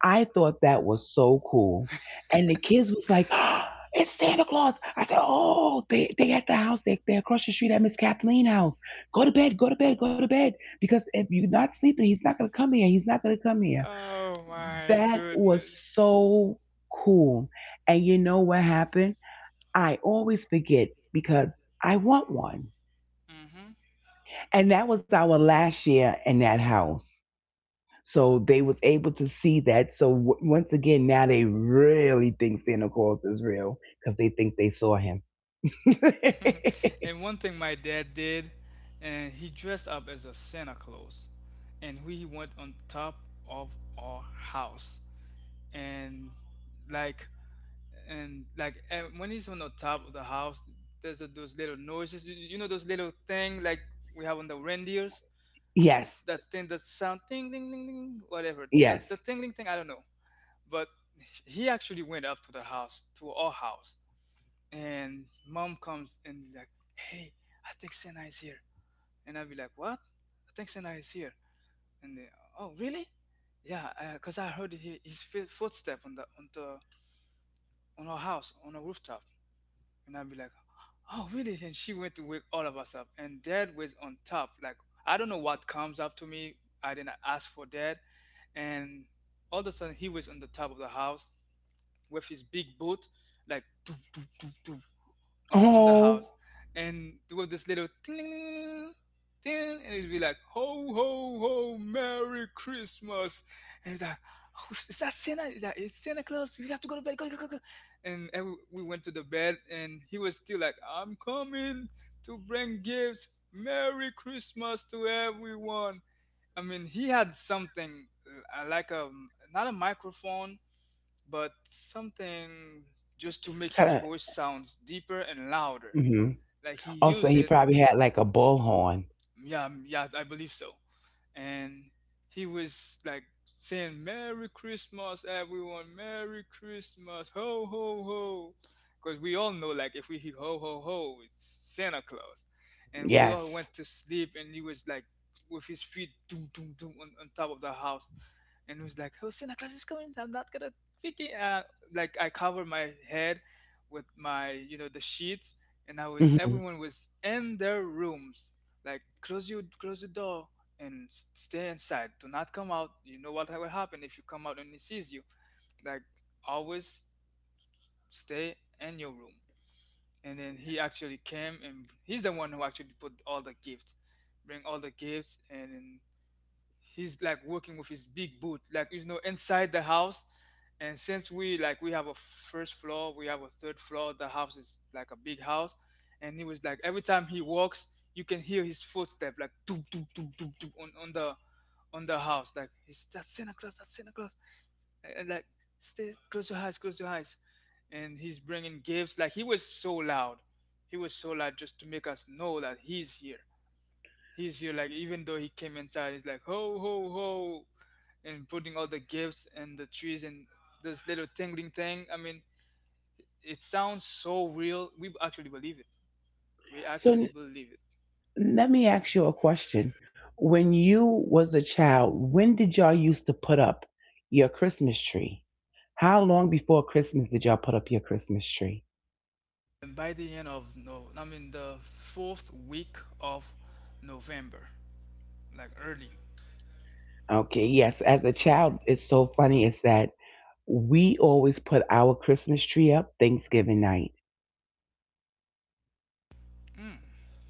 Speaker 2: I thought that was so cool. And the kids was like, "It's Santa Claus." I said, "Oh, they at the house. They, they're across the street at Miss Kathleen house. Go to bed, go to bed, go to bed. Because if you're not sleeping, he's not going to come here. He's not going to come here."
Speaker 1: Oh my
Speaker 2: That was
Speaker 1: goodness.
Speaker 2: so cool. And you know what happened? I always forget because I want one.
Speaker 1: Hmm.
Speaker 2: And that was our last year in that house. So they was able to see that. So once again, now they really think Santa Claus is real because they think they saw him.
Speaker 1: And one thing my dad did, and he dressed up as a Santa Claus, and we went on top of our house, and like when he's on the top of the house, those little noises. You know those little thing like we have on the reindeers.
Speaker 2: Yes,
Speaker 1: That thing that sound ding ding ding ding whatever. That the
Speaker 2: yes.
Speaker 1: ding ding thing I don't know. But he actually went up to the house to our house, and mom comes and like, hey, I think Santa is here. And I'd be like, what? I think Santa is here. And they, oh, really? Yeah, because I heard he, his footstep on the on our house on a rooftop. And I'd be like, oh, really? And she went to wake all of us up. And Dad was on top. Like I don't know what comes up to me. I didn't ask for Dad. And all of a sudden, he was on the top of the house with his big boot, like doop, doop, doop, doop, on the house,
Speaker 2: Oh,
Speaker 1: and there was this little ting, ting, and it'd be like ho ho ho, Merry Christmas, and it's like. Oh, is that Santa? Is like, it's Santa Claus? We have to go to bed. Go, go, go, go. And every, we went to the bed, and he was still like, "I'm coming to bring gifts. Merry Christmas to everyone." I mean, he had something like a not a microphone, but something just to make his
Speaker 2: kind of.
Speaker 1: voice sounds deeper and louder.
Speaker 2: Hmm.
Speaker 1: Like he
Speaker 2: Also,
Speaker 1: used
Speaker 2: he
Speaker 1: it
Speaker 2: probably had like a bullhorn.
Speaker 1: yeah yeah I believe so and he was like saying Merry Christmas everyone Merry Christmas ho ho ho because we all know like if we hear ho ho ho it's Santa Claus and we all
Speaker 2: Yes.
Speaker 1: went to sleep and he was like with his feet doom doom doom on top of the house and he was like oh Santa Claus is coming I'm not gonna pick it like I covered my head with my you know the sheets and I was
Speaker 2: Hmm.
Speaker 1: everyone was in their rooms like close you close the door and stay inside. Do not come out. You know what will happen if you come out and he sees you. Like always stay in your room. And then he actually came and he's the one who actually put all the gifts, bring all the gifts and then he's like working with his big boot like you know inside the house and since we like we have a first floor we have a third floor the house is like a big house and he was like every time he walks you can hear his footstep like doop doop doop doop doop on the house like it's that Santa Claus that's Santa Claus like stay close your eyes and he's bringing gifts like he was so loud, he was so loud just to make us know that he's here. He's here, like, even though he came inside, he's like, ho, ho, ho, and putting all the gifts and the trees and this little tingling thing. I mean, it sounds so real. We actually believe it. We actually
Speaker 2: So,
Speaker 1: believe it.
Speaker 2: let me ask you a question. When you was a child, when did y'all used to put up your Christmas tree? How long before Christmas did y'all put up your Christmas tree?
Speaker 1: And by the end of no, I mean the fourth week of November, like early.
Speaker 2: Okay, yes, as a child, it's so funny is that we always put our Christmas tree up Thanksgiving night.
Speaker 1: Mm,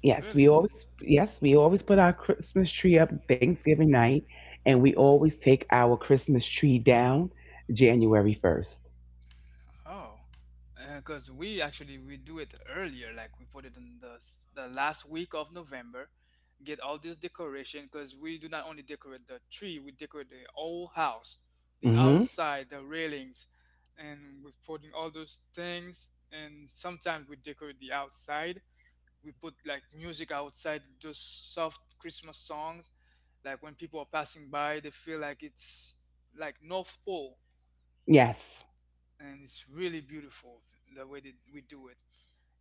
Speaker 2: Yes,
Speaker 1: really?
Speaker 2: we always yes, we always put our Christmas tree up Thanksgiving night and we always take our Christmas tree down January 1st.
Speaker 1: Oh, because we actually we do it earlier. Like we put it in the the last week of November. Get all this decoration because we do not only decorate the tree, we decorate the whole house, the
Speaker 2: Mhm.
Speaker 1: outside, the railings, and we're putting all those things. And sometimes we decorate the outside. We put like music outside, those soft Christmas songs. Like when people are passing by, they feel like it's like North Pole
Speaker 2: Yes.
Speaker 1: and it's really beautiful the way that we do it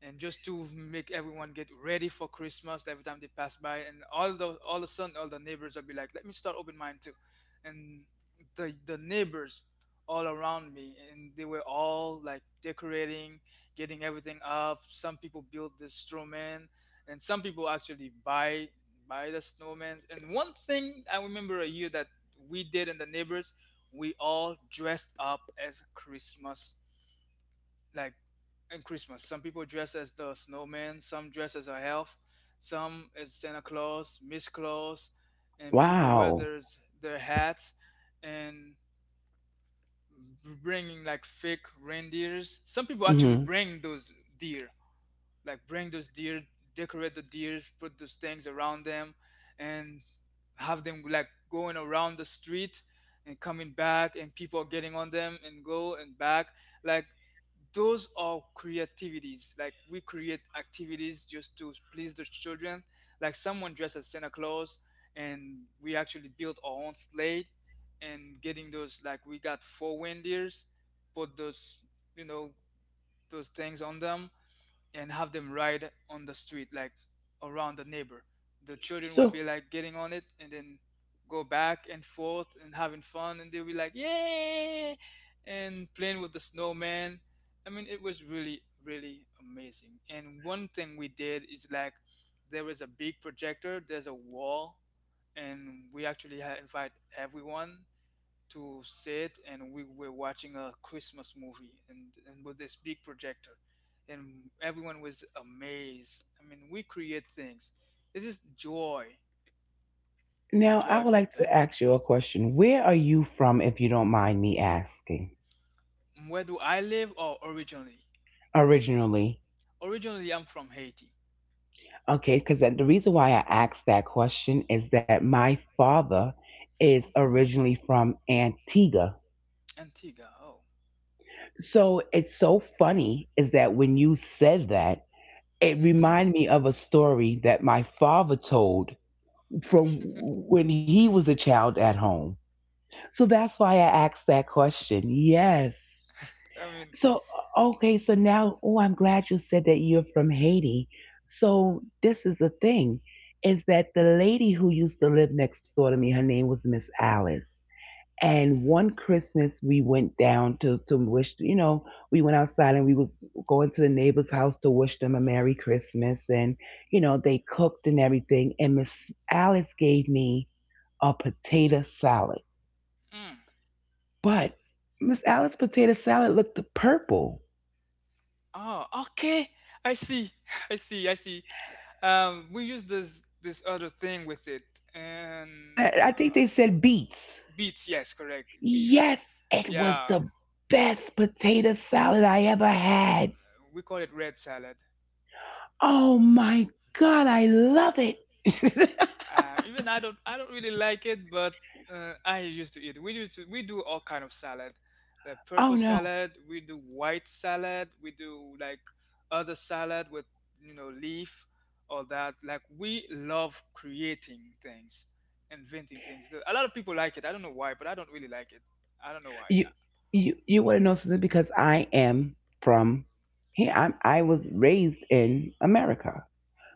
Speaker 1: and just to make everyone get ready for Christmas every time they pass by, and all the all of a sudden all the neighbors will be like, "Let me start open mine too," and the neighbors all around me, and they were all like decorating, getting everything up. Some people build the snowman, and some people actually buy the snowman. And one thing I remember a year that we did, and the neighbors, we all dressed up as Christmas like in Christmas. Some people dress as the snowman, some dress as a elf, some as Santa Claus, Miss Claus, and people wear
Speaker 2: Wow.
Speaker 1: their hats and bringing like fake reindeers. Some people actually
Speaker 2: Mhm.
Speaker 1: deer bring those deer, decorate the deers, put those things around them, and have them like going around the street and coming back, and people are getting on them and go and back. Like those are creativities. Like we create activities just to please the children. Like someone dressed as Santa Claus, and we actually built our own sled and getting those like we got four reindeers, put those you know those things on them and have them ride on the street, like around the neighbor. The children will be
Speaker 2: So
Speaker 1: like getting on it and then go back and forth and having fun, and they'll be like, yay! And playing with the snowman. I mean, it was really, really amazing. And one thing we did is like there was a big projector, there's a wall, and we actually had invite everyone to sit and we were watching a Christmas movie and with this big projector, and everyone was amazed. I mean, we create things. This is joy,
Speaker 2: now I would
Speaker 1: joyful
Speaker 2: like to
Speaker 1: time.
Speaker 2: ask you a question. Where are you from, if you don't mind me asking?
Speaker 1: Where do I live? Oh, originally,
Speaker 2: Originally.
Speaker 1: originally I'm from Haiti.
Speaker 2: Okay, because the reason why I asked that question is that my father is
Speaker 1: Hmm.
Speaker 2: originally from Antigua.
Speaker 1: Antigua. Oh.
Speaker 2: So it's so funny is that when you said that, it
Speaker 1: Hmm.
Speaker 2: reminded me of a story that my father told from when he was a child at home. So that's why I asked that question. Yes.
Speaker 1: I mean.
Speaker 2: So, okay, so now, oh, I'm glad you said that you're from Haiti. So, this is the thing is that the lady who used to live next door to me, her name was Miss Alice. And
Speaker 1: mm,
Speaker 2: one Christmas, we went down to wish, you know, we went outside and we was going to the neighbor's house to wish them a Merry Christmas. And, you know, they cooked and everything. And Miss Alice gave me a potato salad.
Speaker 1: mm.
Speaker 2: But Miss Alice's potato salad looked purple.
Speaker 1: Oh, okay. I see. I see. I see. We use this other thing with it, and
Speaker 2: I think
Speaker 1: uh,
Speaker 2: they said beets.
Speaker 1: beets, yes, correct. Beets.
Speaker 2: Yes, it was
Speaker 1: Yeah,
Speaker 2: the best potato salad I ever had.
Speaker 1: we call it red salad.
Speaker 2: Oh my God, I love it.
Speaker 1: Even I don't really like it, but I used to eat. We do all kind of salad, the
Speaker 2: Oh
Speaker 1: purple
Speaker 2: no,
Speaker 1: salad. We do white salad. We do like other salad with, you know, leaf, all that. Like we love creating things, inventing things. A lot of people like it. I don't know why, but I don't really like it. I don't know why.
Speaker 2: you you want to know something? Because I am from here. I was raised in America.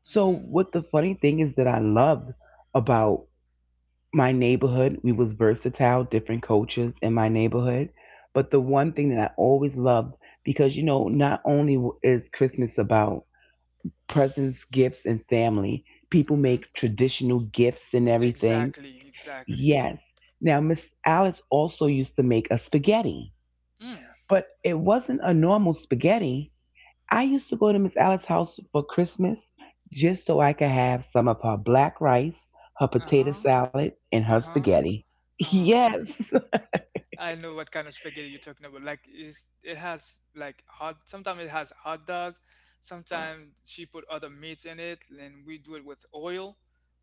Speaker 2: So
Speaker 1: Hmm.
Speaker 2: what the funny thing is that I loved about my neighborhood we was versatile different cultures in my neighborhood, but the one thing that I always loved, because you know not only is Christmas about presents gifts and family, people
Speaker 1: Hmm.
Speaker 2: make traditional gifts and everything.
Speaker 1: Exactly, exactly.
Speaker 2: Yes. Now Miss Alice also used to make a spaghetti,
Speaker 1: Mm.
Speaker 2: but it wasn't a normal spaghetti. I used to go to Miss Alice's house for Christmas just so I could have some of her black rice, her
Speaker 1: Uh
Speaker 2: potato
Speaker 1: huh.
Speaker 2: salad, and her
Speaker 1: Uh huh.
Speaker 2: spaghetti.
Speaker 1: Uh huh.
Speaker 2: Yes.
Speaker 1: I know what kind of spaghetti you're talking about. Like, is it has like hot? Sometimes it has hot dogs. Sometimes she put other meats in it, and we do it with oil.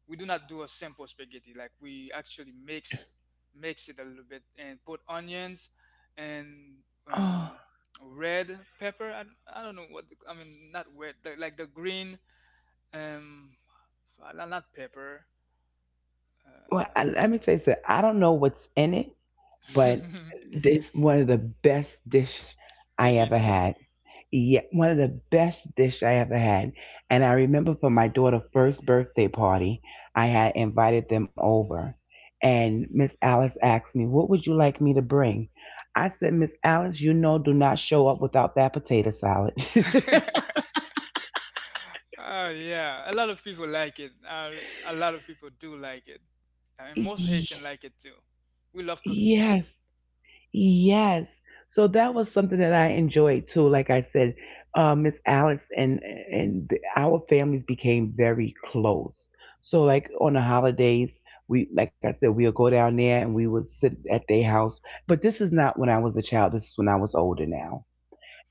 Speaker 1: We do not do a simple spaghetti. Like we actually mix it a little bit and put onions and
Speaker 2: Oh,
Speaker 1: um, red pepper. I don't know I mean. Not red, the, like the green, um, not pepper.
Speaker 2: well, I, let me tell you something. I don't know what's in it, but it's one of the best dish I ever
Speaker 1: Spaghetti.
Speaker 2: had. Yeah, one of the best dish I ever had. And I remember for my daughter's first birthday party, I had invited them over. And Miss Alice asked me, "What would you like me to bring?" I said, "Miss Alice, you know, do not show up without that potato salad."
Speaker 1: Oh yeah, a lot of people like it. A lot of people do like it. I mean, most
Speaker 2: Y-
Speaker 1: Haitian like it too. We love cooking it.
Speaker 2: yes. Yes. So that was something that I enjoyed too. Like I said, Miss Alice and our families became very close. So like on the holidays, we like I said, we'll go down there and we would sit at their house. But this is not when I was a child. This is when I was older now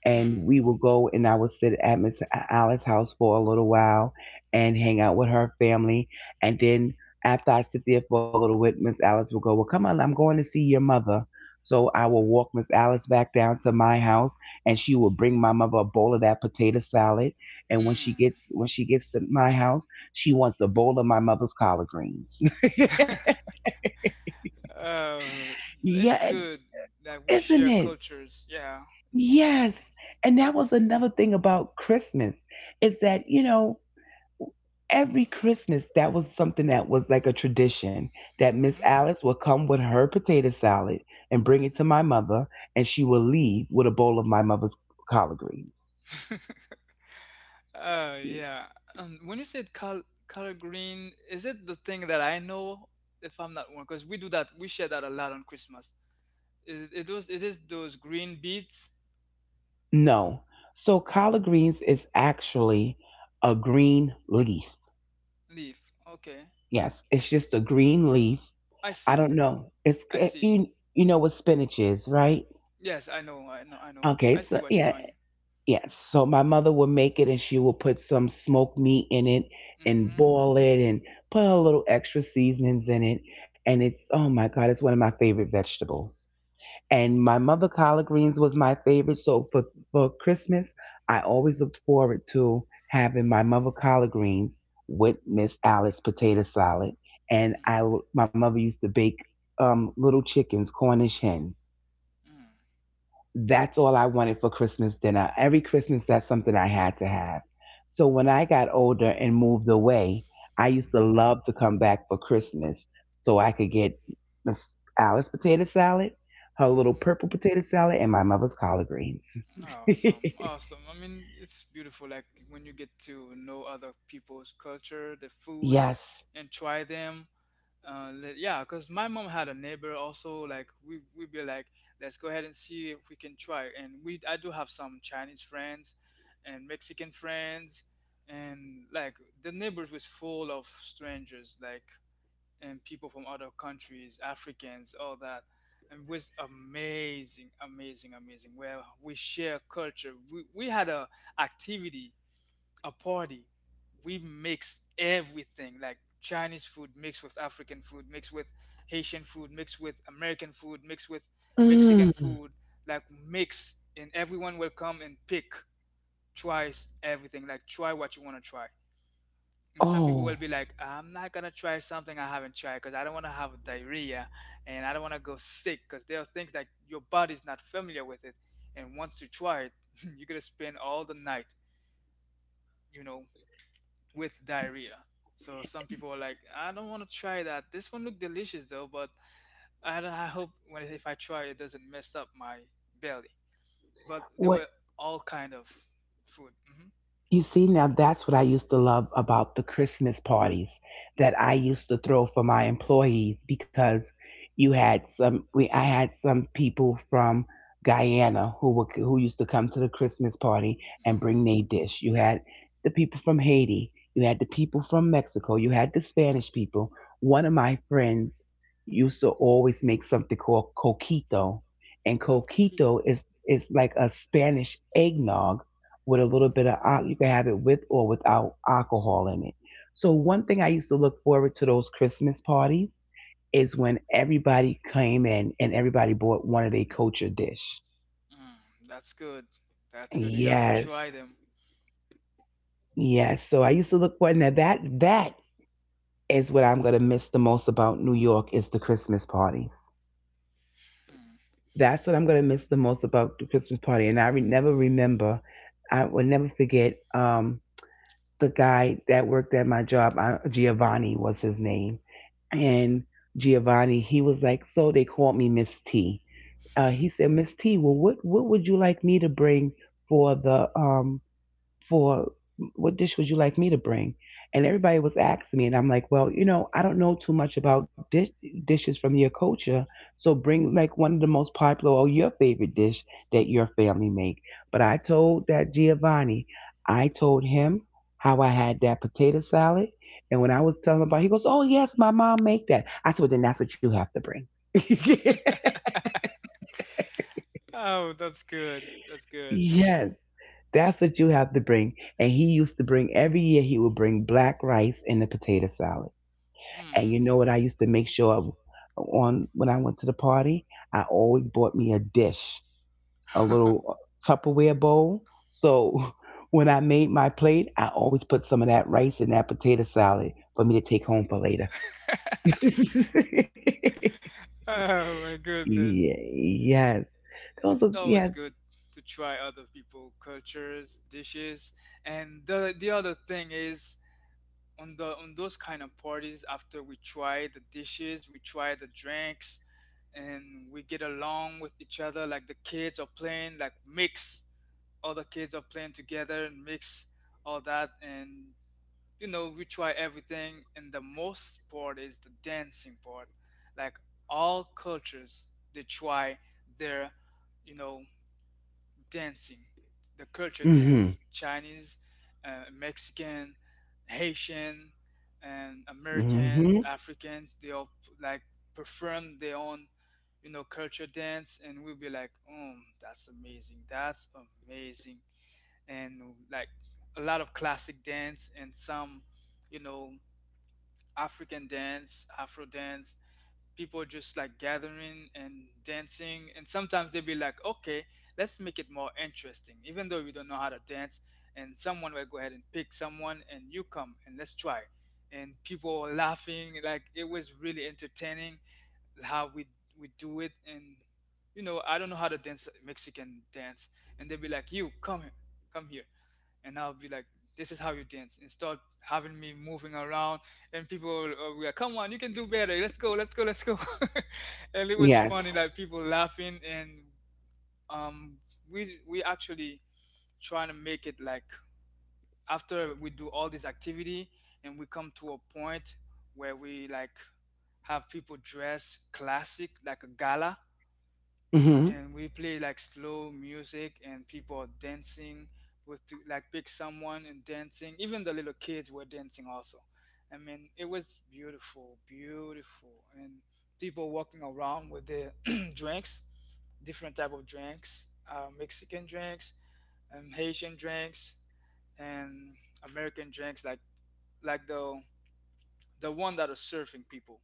Speaker 2: and
Speaker 1: Hmm.
Speaker 2: we would go and I would sit at Miss Alice's house for a little while and hang out with her family. And then after I sit there for a little bit, Miss Alice would go, "Well, come on, I'm going to see your mother." So I would walk Miss Alice back down to my house and she would bring my mother a bowl of that potato salad. And when she
Speaker 1: Mm.
Speaker 2: gets when she gets to my house, she wants a bowl of my mother's collard greens.
Speaker 1: Uh, it's
Speaker 2: Yeah,
Speaker 1: good that we
Speaker 2: isn't
Speaker 1: share
Speaker 2: it?
Speaker 1: cultures. Yeah. It's, it's,
Speaker 2: Yes. And that was another thing about Christmas is that, you know, every Christmas, that was something that was like a tradition that Miss Alice would come with her potato salad and bring it to my
Speaker 1: hmm.
Speaker 2: mother, and she would leave with a bowl of my mother's collard greens.
Speaker 1: Oh yeah. When you said color green, is it the thing that I know? If I'm not wrong, because we do that, we share that a lot on Christmas. It is those green beets
Speaker 2: No. So, collard greens is actually a green leaf.
Speaker 1: leaf. Okay,
Speaker 2: Yes, it's just a green leaf.
Speaker 1: I
Speaker 2: I
Speaker 1: see.
Speaker 2: don't know. It's,
Speaker 1: I
Speaker 2: eh,
Speaker 1: see.
Speaker 2: you know what spinach is, right?
Speaker 1: Yes, I know. I know. I know.
Speaker 2: Okay,
Speaker 1: I
Speaker 2: so
Speaker 1: see what you're
Speaker 2: yeah.
Speaker 1: talking.
Speaker 2: Yes. So my mother would make it and she would put some smoked meat in it and
Speaker 1: Mm-hmm.
Speaker 2: boil it and put a little extra seasonings in it. And it's, oh my God, it's one of my favorite vegetables. And my mother collard greens was my favorite. So for Christmas, I always looked forward to having my mother collard greens with Miss Alice potato salad. And I, my mother used to bake little chickens, Cornish hens,
Speaker 1: Mm-hmm.
Speaker 2: that's all I wanted for Christmas dinner. Every Christmas, that's something I had to have. So when I got older and moved away, I used to love to come back for Christmas so I could get Miss Alice's potato salad, her little purple
Speaker 1: Mm-hmm.
Speaker 2: potato salad, and my mother's collard greens.
Speaker 1: Awesome, awesome. I mean, it's beautiful. Like when you get to know other people's culture, the food,
Speaker 2: Yes.
Speaker 1: and try them. Yeah, because my mom had a neighbor also. Like we'd be like, let's go ahead and see if we can try. And we I do have some Chinese friends, and Mexican friends, and like the neighbors was full of strangers. Like and people from other countries, Africans, all that. And it was amazing, amazing, amazing. Where we share culture. We had a activity, a party. We mix everything like Chinese food mixed with African food, mixed with Haitian food, mixed with American food, mixed with Mexican
Speaker 2: Mm.
Speaker 1: food, like mix, and everyone will come and pick, tries everything, like try what you want to try. And some people will
Speaker 2: Oh,
Speaker 1: be like, I'm not gonna try something I haven't tried because I don't want to have diarrhea and I don't want to go sick because there are things that your body's not familiar with it. And once you try it, you're gonna spend all the night, you know, with diarrhea. So some people are like, I don't want to try that. This one looked delicious though, but I hope when if I try it, it doesn't mess up my belly. But there
Speaker 2: what.
Speaker 1: were all kind of food. Hmm.
Speaker 2: You see, now that's what I used to love about the Christmas parties that I used to throw for my employees because you had some, we, I had some people from Guyana who who used to come to the Christmas party and bring
Speaker 1: Mhm.
Speaker 2: their dish. You had the people from Haiti. You had the people from Mexico. You had the Spanish people. One of my friends used to always make something called coquito, and
Speaker 1: Cookie.
Speaker 2: coquito is like a Spanish eggnog with a little bit
Speaker 1: Mhm.
Speaker 2: of al- you can have it with or without alcohol in it. So one thing I used to look forward to those Christmas parties is when everybody came in and everybody bought one of their culture dish.
Speaker 1: Mm, that's good. That's good. You have to try
Speaker 2: Yes.
Speaker 1: them.
Speaker 2: Yes. So I used to look forward, now that is what I'm gonna miss the most about New York, is the Christmas parties.
Speaker 1: Mm.
Speaker 2: That's what I'm gonna miss the most about the Christmas party. And I re- never remember, I will never forget. The guy that worked at my job, Giovanni was his name. And Giovanni, he was like, so they called me Miss T. He said, Miss T, well, what would you like me to bring for the for what dish would you like me to bring? And everybody was asking me, and I'm like, well, you know, I don't know too much about dishes from your culture, so bring like one of the most popular or your favorite dish that your family make. But I told that Giovanni, I told him how I had that potato salad, and when I was telling him about it, he goes, oh yes, my mom make that. I said, well, then that's what you have to bring.
Speaker 1: Oh, that's good. That's good.
Speaker 2: Yes, that's what you have to bring. And he used to bring every year. He would bring black rice and a potato salad.
Speaker 1: Hmm.
Speaker 2: And you know what? I used to make sure of- on when I went to the party, I always bought me a dish, a little Tupperware bowl. So when I made my plate, I always put some of that rice and that potato salad for me to take home for later.
Speaker 1: Oh my goodness.
Speaker 2: Yeah, yes, those
Speaker 1: It's
Speaker 2: are
Speaker 1: always
Speaker 2: yes.
Speaker 1: good to try other people cultures, dishes, and the other thing is on the on those kind of parties, after we try the dishes, we try the drinks and we get along with each other, like the kids are playing, like mix, all the kids are playing together and mix all that. And you know, we try everything, and the most part is the dancing part. Like all cultures, they try their, you know, dancing, the culture
Speaker 2: Mhm.
Speaker 1: dance. Chinese, Mexican, Haitian, and Americans,
Speaker 2: Mhm.
Speaker 1: Africans, they all like perform their own, you know, culture dance, and we'll be like, oh, that's amazing, that's amazing. And like a lot of classic dance and some, you know, African dance, Afro dance. People just like gathering and dancing, and sometimes they'll be like, okay, let's make it more interesting, even though you don't know how to dance. And someone will go ahead and pick someone, and you come and let's try. And people were laughing, like it was really entertaining how we do it. And you know, I don't know how to dance Mexican dance, and they'll be like, you come here, come here, and I'll be like, this is how you dance, and start having me moving around, and people will be like, come on, you can do better, let's go, let's go, let's go. And it was funny
Speaker 2: Yes.
Speaker 1: like people laughing. And um we actually trying to make it like after we do all this activity, and we come to a point where we like have people dress classic like a gala,
Speaker 2: Mhm.
Speaker 1: and we play like slow music and people are dancing like pick someone and dancing, even the little kids were dancing also. I mean, it was beautiful, beautiful. And people walking around with their drinks, different type of drinks, Mexican drinks, Haitian drinks, and American drinks, like the one that are serving people,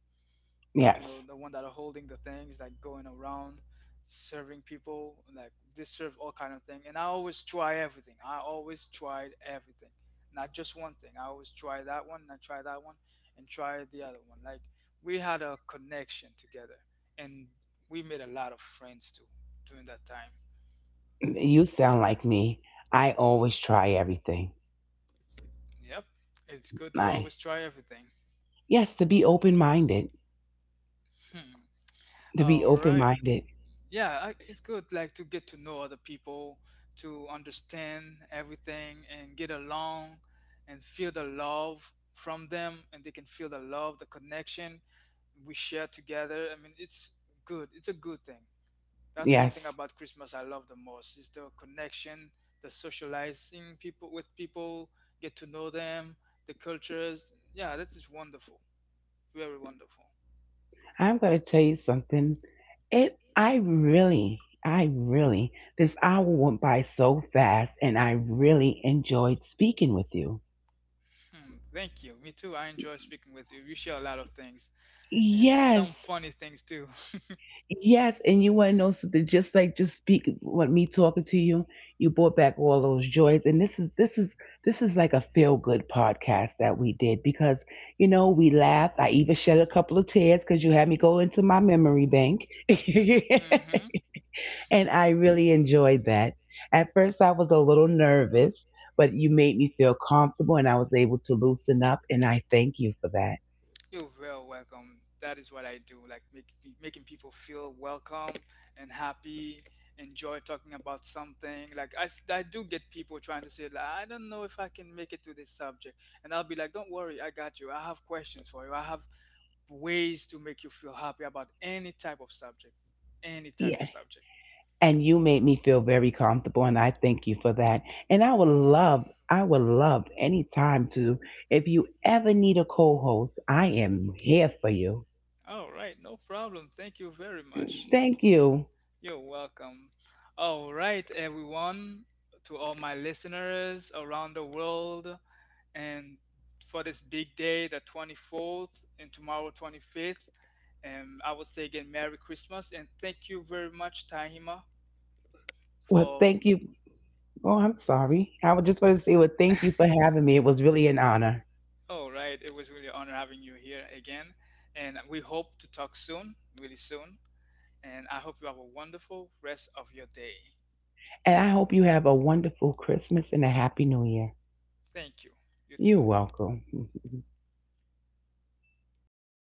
Speaker 1: you know,
Speaker 2: Yes.
Speaker 1: the one that are holding the things, like going around serving people, like they serve all kind of thing. And I always try everything, I always tried everything, not just one thing. I always try that one and I try that one and try the other one. Like we had a connection together, and we made a lot of friends too during that time.
Speaker 2: You sound like me. I always try everything.
Speaker 1: Yep, it's good to
Speaker 2: I
Speaker 1: always try everything.
Speaker 2: yes, to be open minded. To be
Speaker 1: All
Speaker 2: open
Speaker 1: right.
Speaker 2: minded.
Speaker 1: It's good like to get to know other people, to understand everything and get along, and feel the love from them, and they can feel the love, the connection we share together. I mean, it's good, it's a good thing. That's one thing
Speaker 2: Yes.
Speaker 1: about Christmas I love the most, is the connection, the socializing people with people, get to know them, the cultures. Yeah, this is wonderful, very wonderful.
Speaker 2: I'm gonna tell you something. It I really this hour went by so fast, and I really enjoyed speaking with you.
Speaker 1: Mm, thank you. Me too. I enjoy speaking with you. You share a lot of things and some
Speaker 2: Yes,
Speaker 1: funny things too.
Speaker 2: yes, and you want to know something? Just like just speak what me talking to you, you brought back all those joys, and this is like a feel good podcast that we did because you know we laughed. I even shed a couple of tears because you had me go into my memory bank. And I really enjoyed that. At first, I was a little nervous, but you made me feel comfortable, and I was able to loosen up, and I thank you for that.
Speaker 1: You're real welcome. That is what I do, like making people feel welcome and happy, enjoy talking about something. Like I do get people trying to say, like, I don't know if I can make it to this subject. And I'll be like, don't worry, I got you. I have questions for you. I have ways to make you feel happy about any type of subject. Any type of subject.
Speaker 2: And you made me feel very comfortable, and I thank you for that. And I would love any time to, if you ever need a co-host, I am here for you.
Speaker 1: All right, no problem. Thank you very much.
Speaker 2: Thank you.
Speaker 1: You're welcome. All right, everyone, to all my listeners around the world, and for this big day, the 24th, and tomorrow, 25th, and I would say again, Merry Christmas, and thank you very much, Tahima,
Speaker 2: Well,
Speaker 1: for.
Speaker 2: thank you. Oh, I'm sorry, I would just want to say, well, thank you for having me, it was really an honor.
Speaker 1: All right, it was really an honor having you here again, and we hope to talk soon, really soon, and I hope you have a wonderful rest of your day.
Speaker 2: And I hope you have a wonderful Christmas and a happy New Year.
Speaker 1: Thank you. You
Speaker 2: You're
Speaker 1: too.
Speaker 2: welcome.